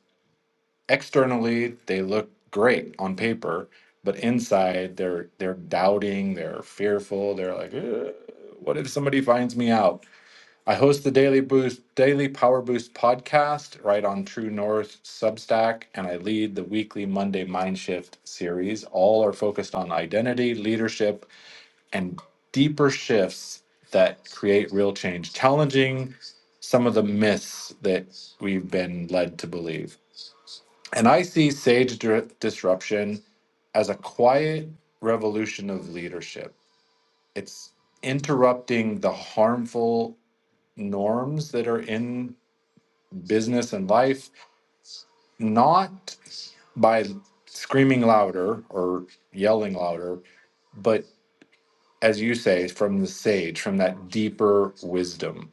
E: externally they look great on paper but inside they're they're doubting they're fearful they're like "Eh, what if somebody finds me out i host the daily boost daily power boost podcast right on true north substack and i lead the weekly monday mind shift series all are focused on identity leadership and deeper shifts that create real change challenging some of the myths that we've been led to believe and I see sage dir- disruption as a quiet revolution of leadership. It's interrupting the harmful norms that are in business and life, not by screaming louder or yelling louder, but as you say, from the sage, from that deeper wisdom,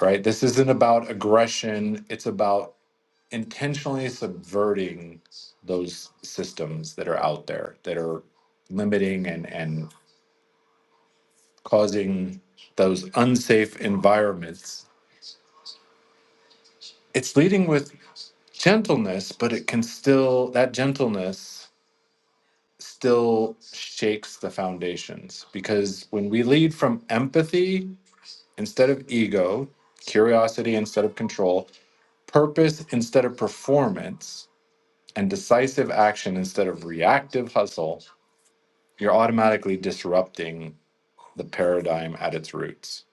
E: right? This isn't about aggression. It's about intentionally subverting those systems that are out there that are limiting and and causing those unsafe environments it's leading with gentleness but it can still that gentleness still shakes the foundations because when we lead from empathy instead of ego curiosity instead of control purpose instead of performance and decisive action instead of reactive hustle you're automatically disrupting the paradigm at its roots.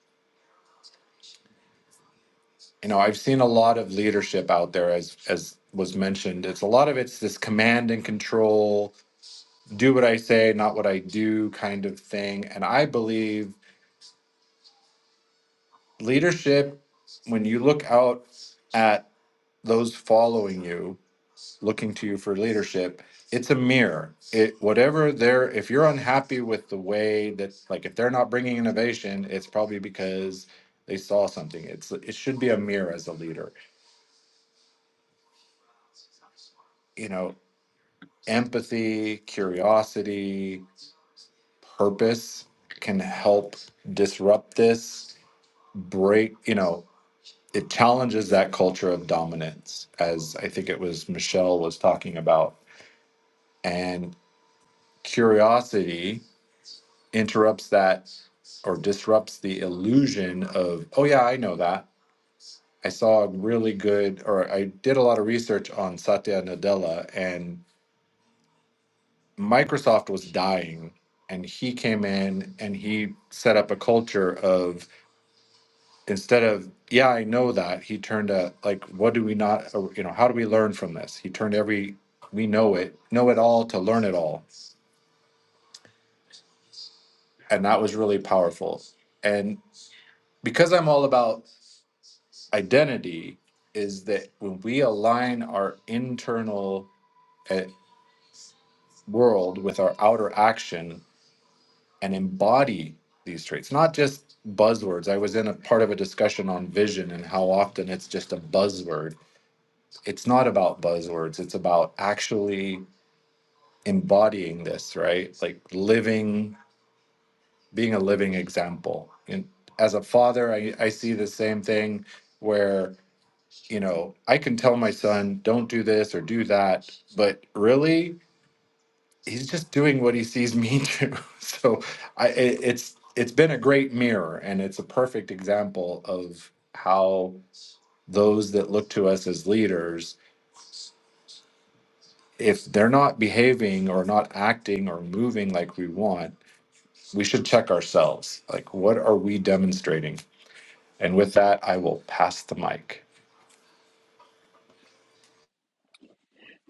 E: You know, I've seen a lot of leadership out there as as was mentioned. It's a lot of it's this command and control, do what I say, not what I do kind of thing. And I believe leadership when you look out at those following you, looking to you for leadership it's a mirror it whatever they're if you're unhappy with the way that like if they're not bringing innovation it's probably because they saw something it's it should be a mirror as a leader you know empathy curiosity purpose can help disrupt this break you know it challenges that culture of dominance as i think it was michelle was talking about and curiosity interrupts that or disrupts the illusion of, oh, yeah, I know that. I saw a really good, or I did a lot of research on Satya Nadella, and Microsoft was dying. And he came in and he set up a culture of instead of, yeah, I know that, he turned a, like, what do we not, or, you know, how do we learn from this? He turned every, we know it, know it all to learn it all. And that was really powerful. And because I'm all about identity is that when we align our internal uh, world with our outer action and embody these traits, not just buzzwords. I was in a part of a discussion on vision and how often it's just a buzzword. It's not about buzzwords, it's about actually embodying this, right? Like living, being a living example. And as a father, I, I see the same thing where you know, I can tell my son, don't do this or do that, but really, he's just doing what he sees me do. So I, it, it's it's been a great mirror, and it's a perfect example of how those that look to us as leaders, if they're not behaving or not acting or moving like we want, we should check ourselves. Like, what are we demonstrating? And with that, I will pass the mic.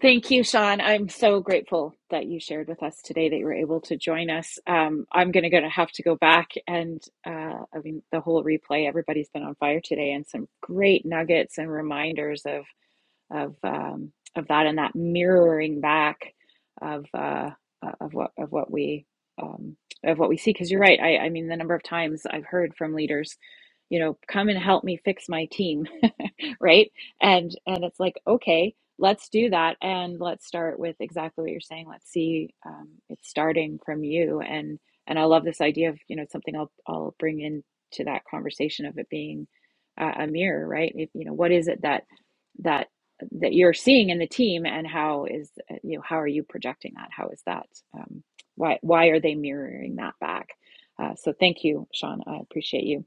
A: Thank you, Sean. I'm so grateful that you shared with us today that you were able to join us. Um, I'm going to have to go back and, uh, I mean, the whole replay, everybody's been on fire today and some great nuggets and reminders of of um, of that and that mirroring back of uh, of what of what we um, of what we see. Because you're right. I, I mean, the number of times I've heard from leaders, you know, come and help me fix my team, right? And and it's like, okay, let's do that, and let's start with exactly what you're saying. Let's see, um, it's starting from you, and and I love this idea of you know it's something I'll I'll bring into that conversation of it being. Uh, a mirror, right? If, you know, what is it that that that you're seeing in the team and how is uh, you know how are you projecting that how is that um, why why are they mirroring that back uh, so thank you sean i appreciate you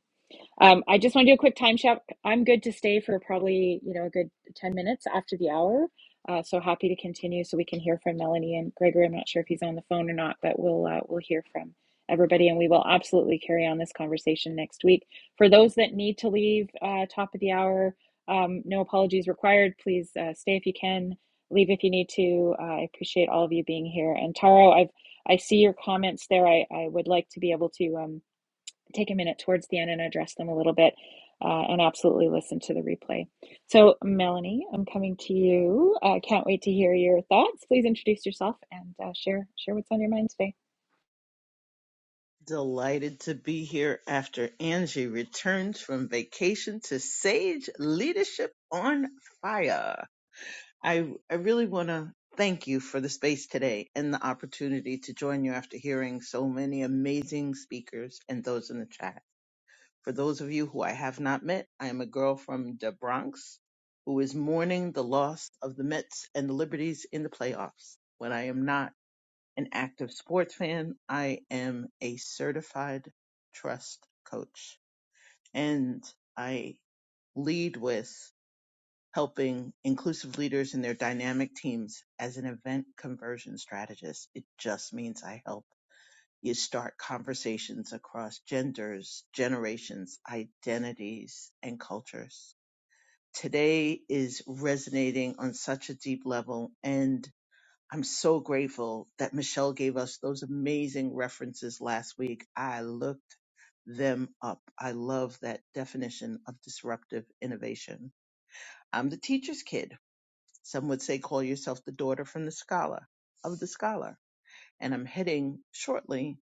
A: um, I just want to do a quick time check. I'm good to stay for probably, you know, a good 10 minutes after the hour. Uh, so happy to continue so we can hear from Melanie and Gregory. I'm not sure if he's on the phone or not, but we'll uh, we'll hear from everybody and we will absolutely carry on this conversation next week. For those that need to leave uh, top of the hour, um, no apologies required. Please uh, stay if you can, leave if you need to. Uh, I appreciate all of you being here. And Taro, I've I see your comments there. I, I would like to be able to. Um, take a minute towards the end and address them a little bit uh, and absolutely listen to the replay. So, Melanie, I'm coming to you. I uh, can't wait to hear your thoughts. Please introduce yourself and uh, share share what's on your mind today.
F: Delighted to be here after Angie returns from vacation to Sage Leadership on Fire. I, I really want to thank you for the space today and the opportunity to join you after hearing so many amazing speakers and those in the chat. For those of you who I have not met, I am a girl from the Bronx who is mourning the loss of the Mets and the Liberties in the playoffs. When I am not, an active sports fan. I am a certified trust coach and I lead with helping inclusive leaders in their dynamic teams as an event conversion strategist. It just means I help you start conversations across genders, generations, identities, and cultures. Today is resonating on such a deep level. and. I'm so grateful that Michelle gave us those amazing references last week. I looked them up. I love that definition of disruptive innovation. I'm the teacher's kid. Some would say call yourself the daughter from the scholar of the scholar. And I'm heading shortly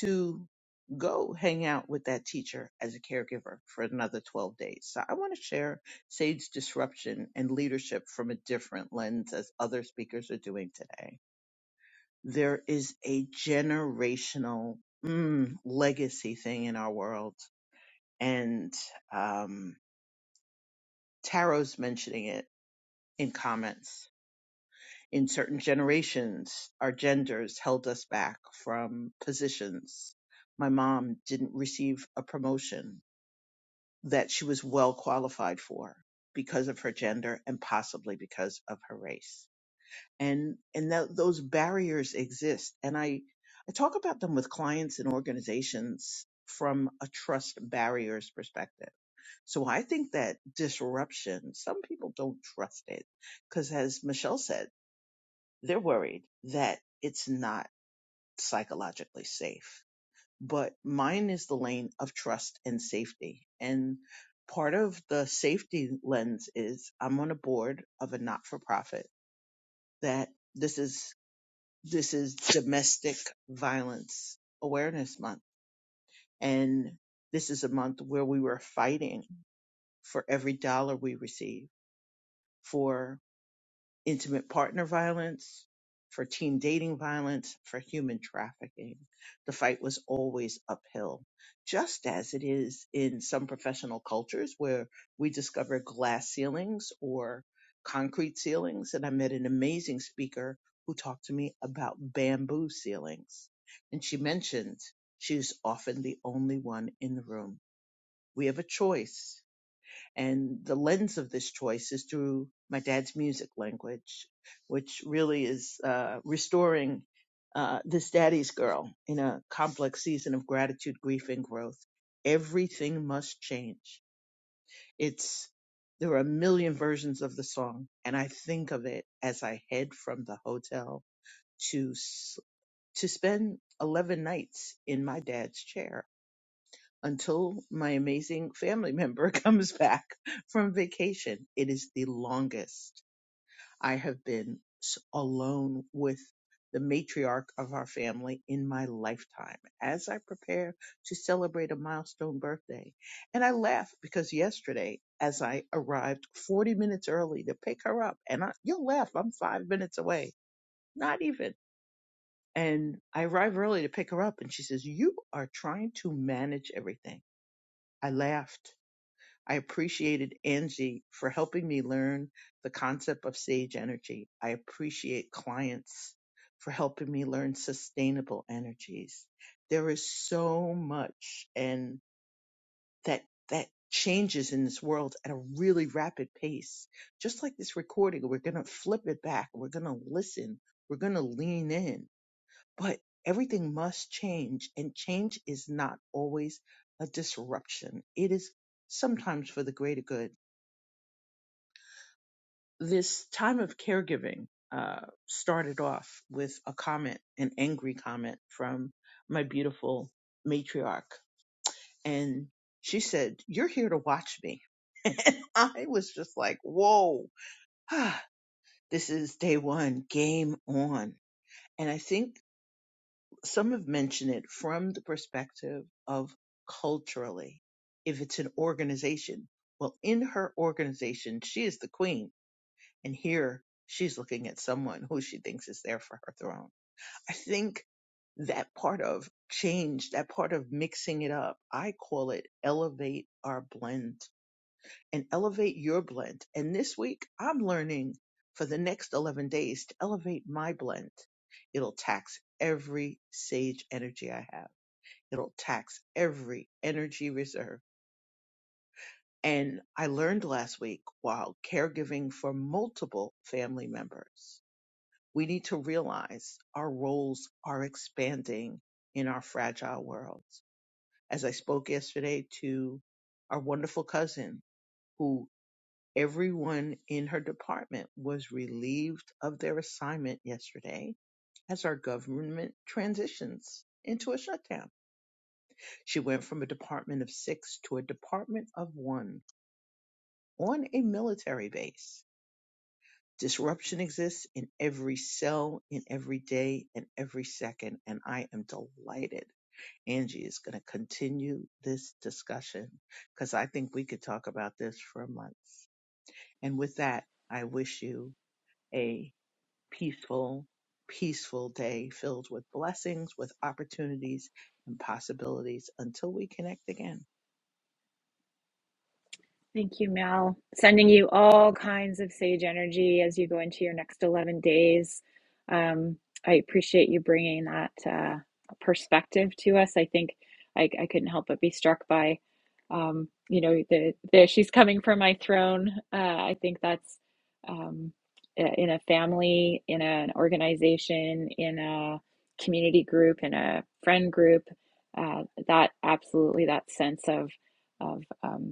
F: to go hang out with that teacher as a caregiver for another 12 days. So I want to share Sage disruption and leadership from a different lens as other speakers are doing today there is a generational mm, legacy thing in our world. And um, Tarot's mentioning it in comments. In certain generations, our genders held us back from positions. My mom didn't receive a promotion that she was well qualified for because of her gender and possibly because of her race and and tho- those barriers exist and i i talk about them with clients and organizations from a trust barriers perspective so i think that disruption some people don't trust it because as michelle said they're worried that it's not psychologically safe but mine is the lane of trust and safety and part of the safety lens is i'm on a board of a not-for-profit that this is this is domestic violence awareness month and this is a month where we were fighting for every dollar we receive for intimate partner violence, for teen dating violence, for human trafficking. The fight was always uphill, just as it is in some professional cultures where we discover glass ceilings or concrete ceilings. And I met an amazing speaker who talked to me about bamboo ceilings. And she mentioned she's often the only one in the room. We have a choice and the lens of this choice is through my dad's music language, which really is uh, restoring uh, this daddy's girl in a complex season of gratitude, grief, and growth. Everything must change. It's there are a million versions of the song, and I think of it as I head from the hotel to s- to spend eleven nights in my dad's chair until my amazing family member comes back from vacation. It is the longest I have been s- alone with the matriarch of our family in my lifetime as I prepare to celebrate a milestone birthday. And I laugh because yesterday, as I arrived 40 minutes early to pick her up, and I, you'll laugh, I'm five minutes away, not even. And I arrive early to pick her up, and she says, You are trying to manage everything. I laughed I appreciated Angie for helping me learn the concept of sage energy. I appreciate clients for helping me learn sustainable energies. There is so much and that that changes in this world at a really rapid pace. Just like this recording, we're going to flip it back, we're going to listen, we're going to lean in. But everything must change and change is not always a disruption. It is sometimes for the greater good this time of caregiving uh, started off with a comment, an angry comment from my beautiful matriarch. And she said, You're here to watch me. And I was just like, Whoa, this is day one, game on. And I think some have mentioned it from the perspective of culturally, if it's an organization. Well, in her organization, she is the queen And here she's looking at someone who she thinks is there for her throne. I think that part of change, that part of mixing it up, I call it elevate our blend and elevate your blend. And this week I'm learning for the next 11 days to elevate my blend. It'll tax every sage energy I have. It'll tax every energy reserve. And I learned last week while caregiving for multiple family members we need to realize our roles are expanding in our fragile worlds. As I spoke yesterday to our wonderful cousin, who everyone in her department was relieved of their assignment yesterday as our government transitions into a shutdown. She went from a department of six to a department of one on a military base Disruption exists in every cell, in every day, and every second, and I am delighted. Angie is going to continue this discussion because I think we could talk about this for months. And with that, I wish you a peaceful, peaceful day filled with blessings, with opportunities and possibilities until we connect again.
A: Thank you, Mel. Sending you all kinds of sage energy as you go into your next 11 days. Um, I appreciate you bringing that uh, perspective to us. I think I, I couldn't help but be struck by, um, you know, the, the she's coming from my throne. Uh, I think that's um, i- in a family, in an organization, in a community group, in a friend group. Uh, that absolutely that sense of of um,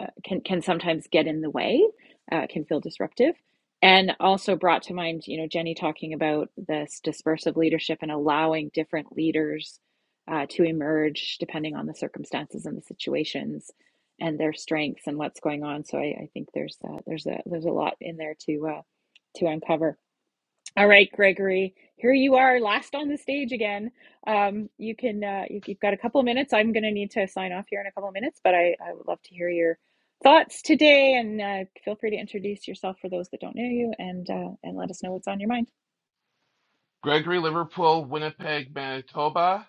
A: uh, can can sometimes get in the way, uh, can feel disruptive. And also brought to mind, you know, Jenny talking about this dispersive leadership and allowing different leaders uh, to emerge depending on the circumstances and the situations and their strengths and what's going on. So I, I think there's uh, there's a there's a lot in there to uh, to uncover. All right, Gregory, here you are, last on the stage again. Um, you can, uh, you, you've got a couple of minutes. I'm going to need to sign off here in a couple of minutes, but I, I would love to hear your thoughts today. And uh, feel free to introduce yourself for those that don't know you, and uh, and let us know what's on your mind.
G: Gregory, Liverpool, Winnipeg, Manitoba,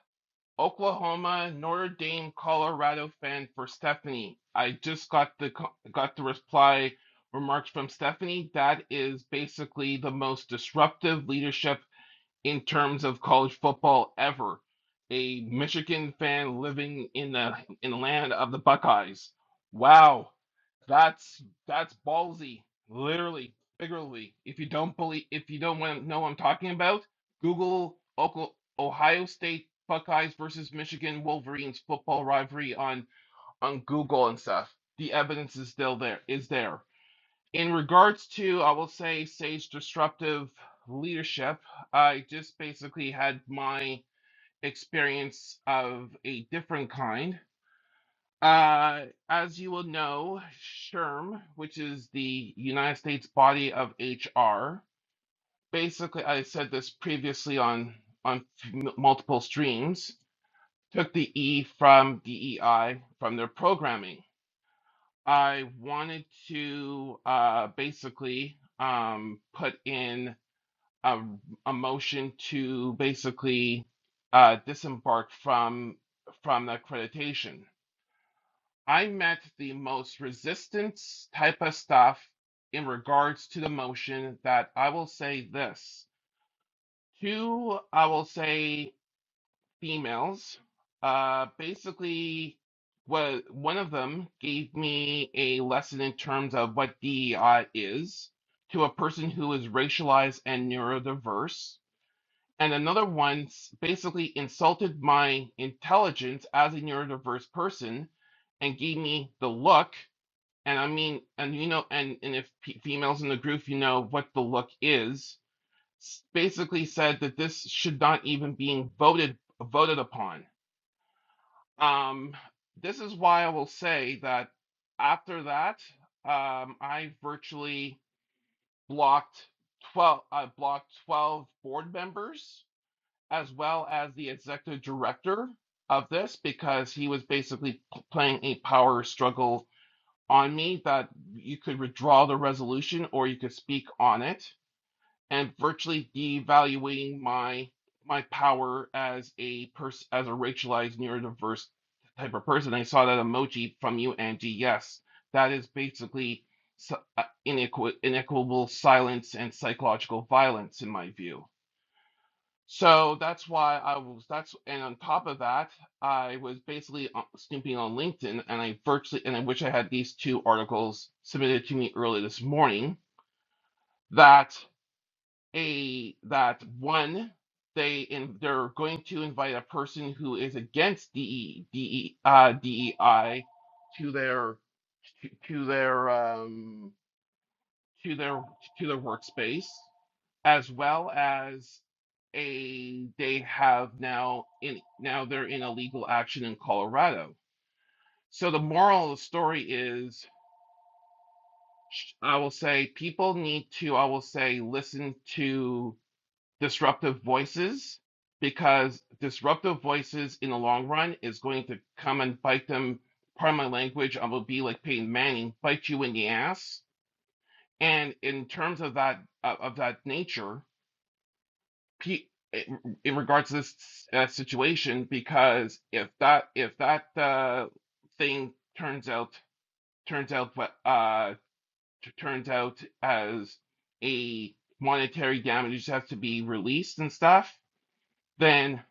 G: Oklahoma, Notre Dame, Colorado fan for Stephanie. I just got the got the reply remarks from Stephanie. That is basically the most disruptive leadership in terms of college football ever. A Michigan fan living in the in the land of the Buckeyes. Wow. That's that's ballsy, literally, figuratively. If you don't believe, if you don't want to know what I'm talking about, Google Oco- Ohio State Buckeyes versus Michigan Wolverines football rivalry on on Google and stuff. The evidence is still there. Is there in regards to I will say Sage disruptive leadership? I just basically had my experience of a different kind uh, as you will know, SHRM, which is the United States body of HR, basically, I said this previously on on f- m- multiple streams, took the E from DEI from their programming. I wanted to uh, basically um, put in a, a motion to basically uh, disembark from from the accreditation I met the most resistance type of stuff in regards to the motion that I will say this. Two, I will say females. Uh, basically, was one of them gave me a lesson in terms of what DEI is to a person who is racialized and neurodiverse. And another one basically insulted my intelligence as a neurodiverse person and gave me the look and I mean, and you know, and and if pe females in the group, you know what the look is, s- basically said that this should not even being voted voted upon. Um, this is why I will say that after that, um, I virtually blocked 12, I blocked 12 board members as well as the executive director of this because he was basically p- playing a power struggle on me that you could withdraw the resolution or you could speak on it and virtually devaluing my my power as a person as a racialized neurodiverse type of person. I saw that emoji from you, Angie. Yes, that is basically s- uh, inequitable silence and psychological violence in my view. So that's why I was, that's, and on top of that, I was basically uh, snooping on LinkedIn and I virtually, and I wish I had these two articles submitted to me early this morning that a, that one, they, in, they're going to invite a person who is against DE, DE, uh, DEI to their, to, to their, um, to their, to their workspace as well as a they have now in now they're in a legal action in Colorado. So the moral of the story is I will say people need to I will say listen to disruptive voices because disruptive voices in the long run is going to come and bite them part of my language I will be like Peyton Manning bite you in the ass and in terms of that of that nature pe in regards to this uh, situation because if that if that uh, thing turns out turns out uh turns out as a monetary damages has to be released and stuff then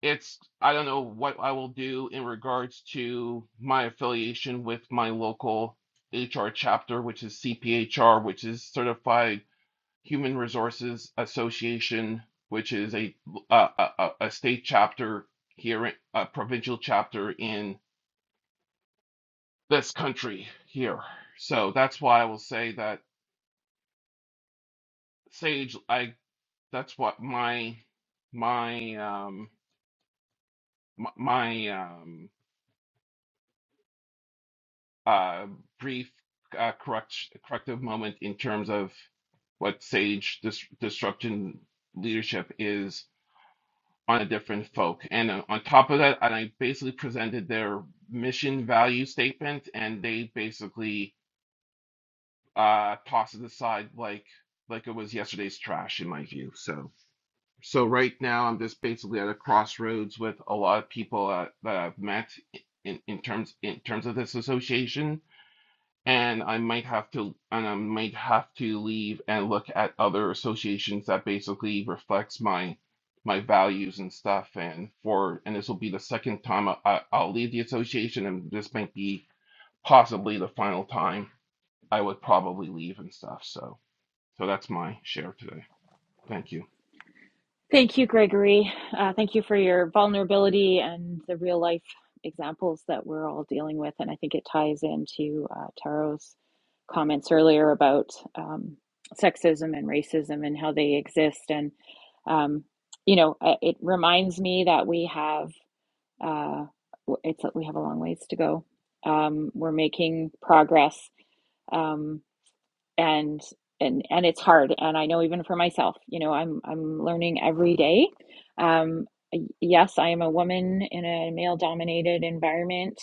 G: it's I don't know what I will do in regards to my affiliation with my local HR chapter which is CPHR which is certified Human Resources Association, which is a a, a, a state chapter here, a provincial chapter in this country here. So that's why I will say that Sage. I that's what my my um m- my um uh brief uh, correct corrective moment in terms of what Sage dis- disruption leadership is on a different folk. And uh, on top of that, I basically presented their mission value statement, and they basically uh, tossed it aside like like it was yesterday's trash, in my view. So so right now, I'm just basically at a crossroads with a lot of people uh, that I've met in, in terms in terms of this association and I might have to and I might have to leave and look at other associations that basically reflects my my values and stuff and for and this will be the second time I, I, I'll leave the association and this might be possibly the final time I would probably leave and stuff so so that's my share today thank you
A: Thank you, Gregory. Uh, thank you for your vulnerability and the real life examples that we're all dealing with. And I think it ties into uh, Taro's comments earlier about um, sexism and racism and how they exist. And, um, you know, uh, it reminds me that we have, uh, it's, we have a long ways to go. Um, we're making progress. Um, and and and it's hard and i know even for myself you know i'm i'm learning every day um yes i am a woman in a male dominated environment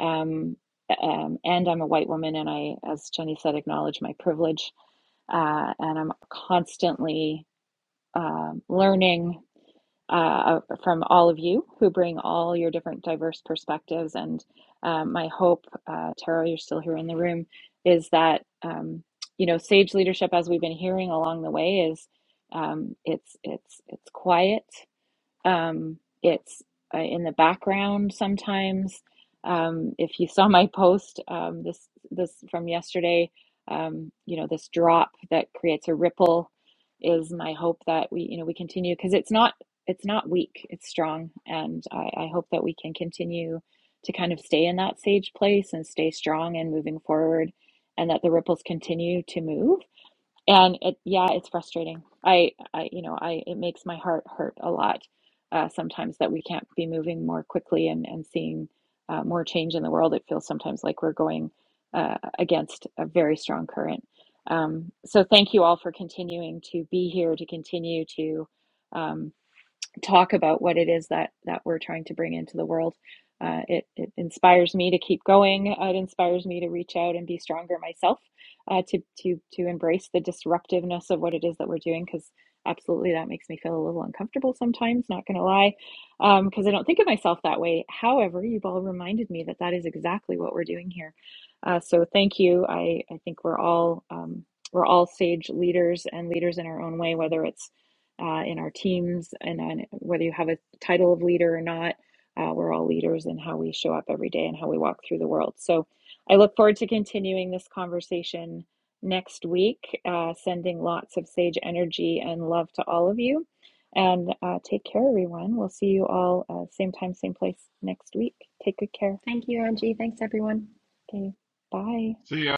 A: um, um and i'm a white woman and i as jenny said acknowledge my privilege uh and i'm constantly um learning uh, from all of you who bring all your different diverse perspectives. And um, my hope, uh, Tara, you're still here in the room, is that um, you know sage leadership, as we've been hearing along the way, is um, it's it's it's quiet. Um, it's uh, in the background sometimes. Um, if you saw my post um, this this from yesterday, um, you know this drop that creates a ripple is my hope that we you know we continue because it's not it's not weak, it's strong, and I, I hope that we can continue to kind of stay in that sage place and stay strong and moving forward, and that the ripples continue to move and it yeah it's frustrating i i you know i it makes my heart hurt a lot uh, sometimes that we can't be moving more quickly and and seeing uh, more change in the world it feels sometimes like we're going uh, against a very strong current um, so thank you all for continuing to be here to continue to um, talk about what it is that that we're trying to bring into the world. Uh, it it inspires me to keep going. It inspires me to reach out and be stronger myself, uh, to to to embrace the disruptiveness of what it is that we're doing. Because absolutely, that makes me feel a little uncomfortable sometimes. Not going to lie, because um, I don't think of myself that way. However, you've all reminded me that that is exactly what we're doing here. Uh, so thank you. I I think we're all um, we're all sage leaders and leaders in our own way, whether it's uh, in our teams and on whether you have a title of leader or not. Uh, we're all leaders in how we show up every day and how we walk through the world. So I look forward to continuing this conversation next week, uh, sending lots of sage energy and love to all of you. And uh, take care, everyone. We'll see you all uh, same time, same place next week. Take good care.
B: Thank you, Angie. Thanks, everyone.
A: Okay, bye.
G: see ya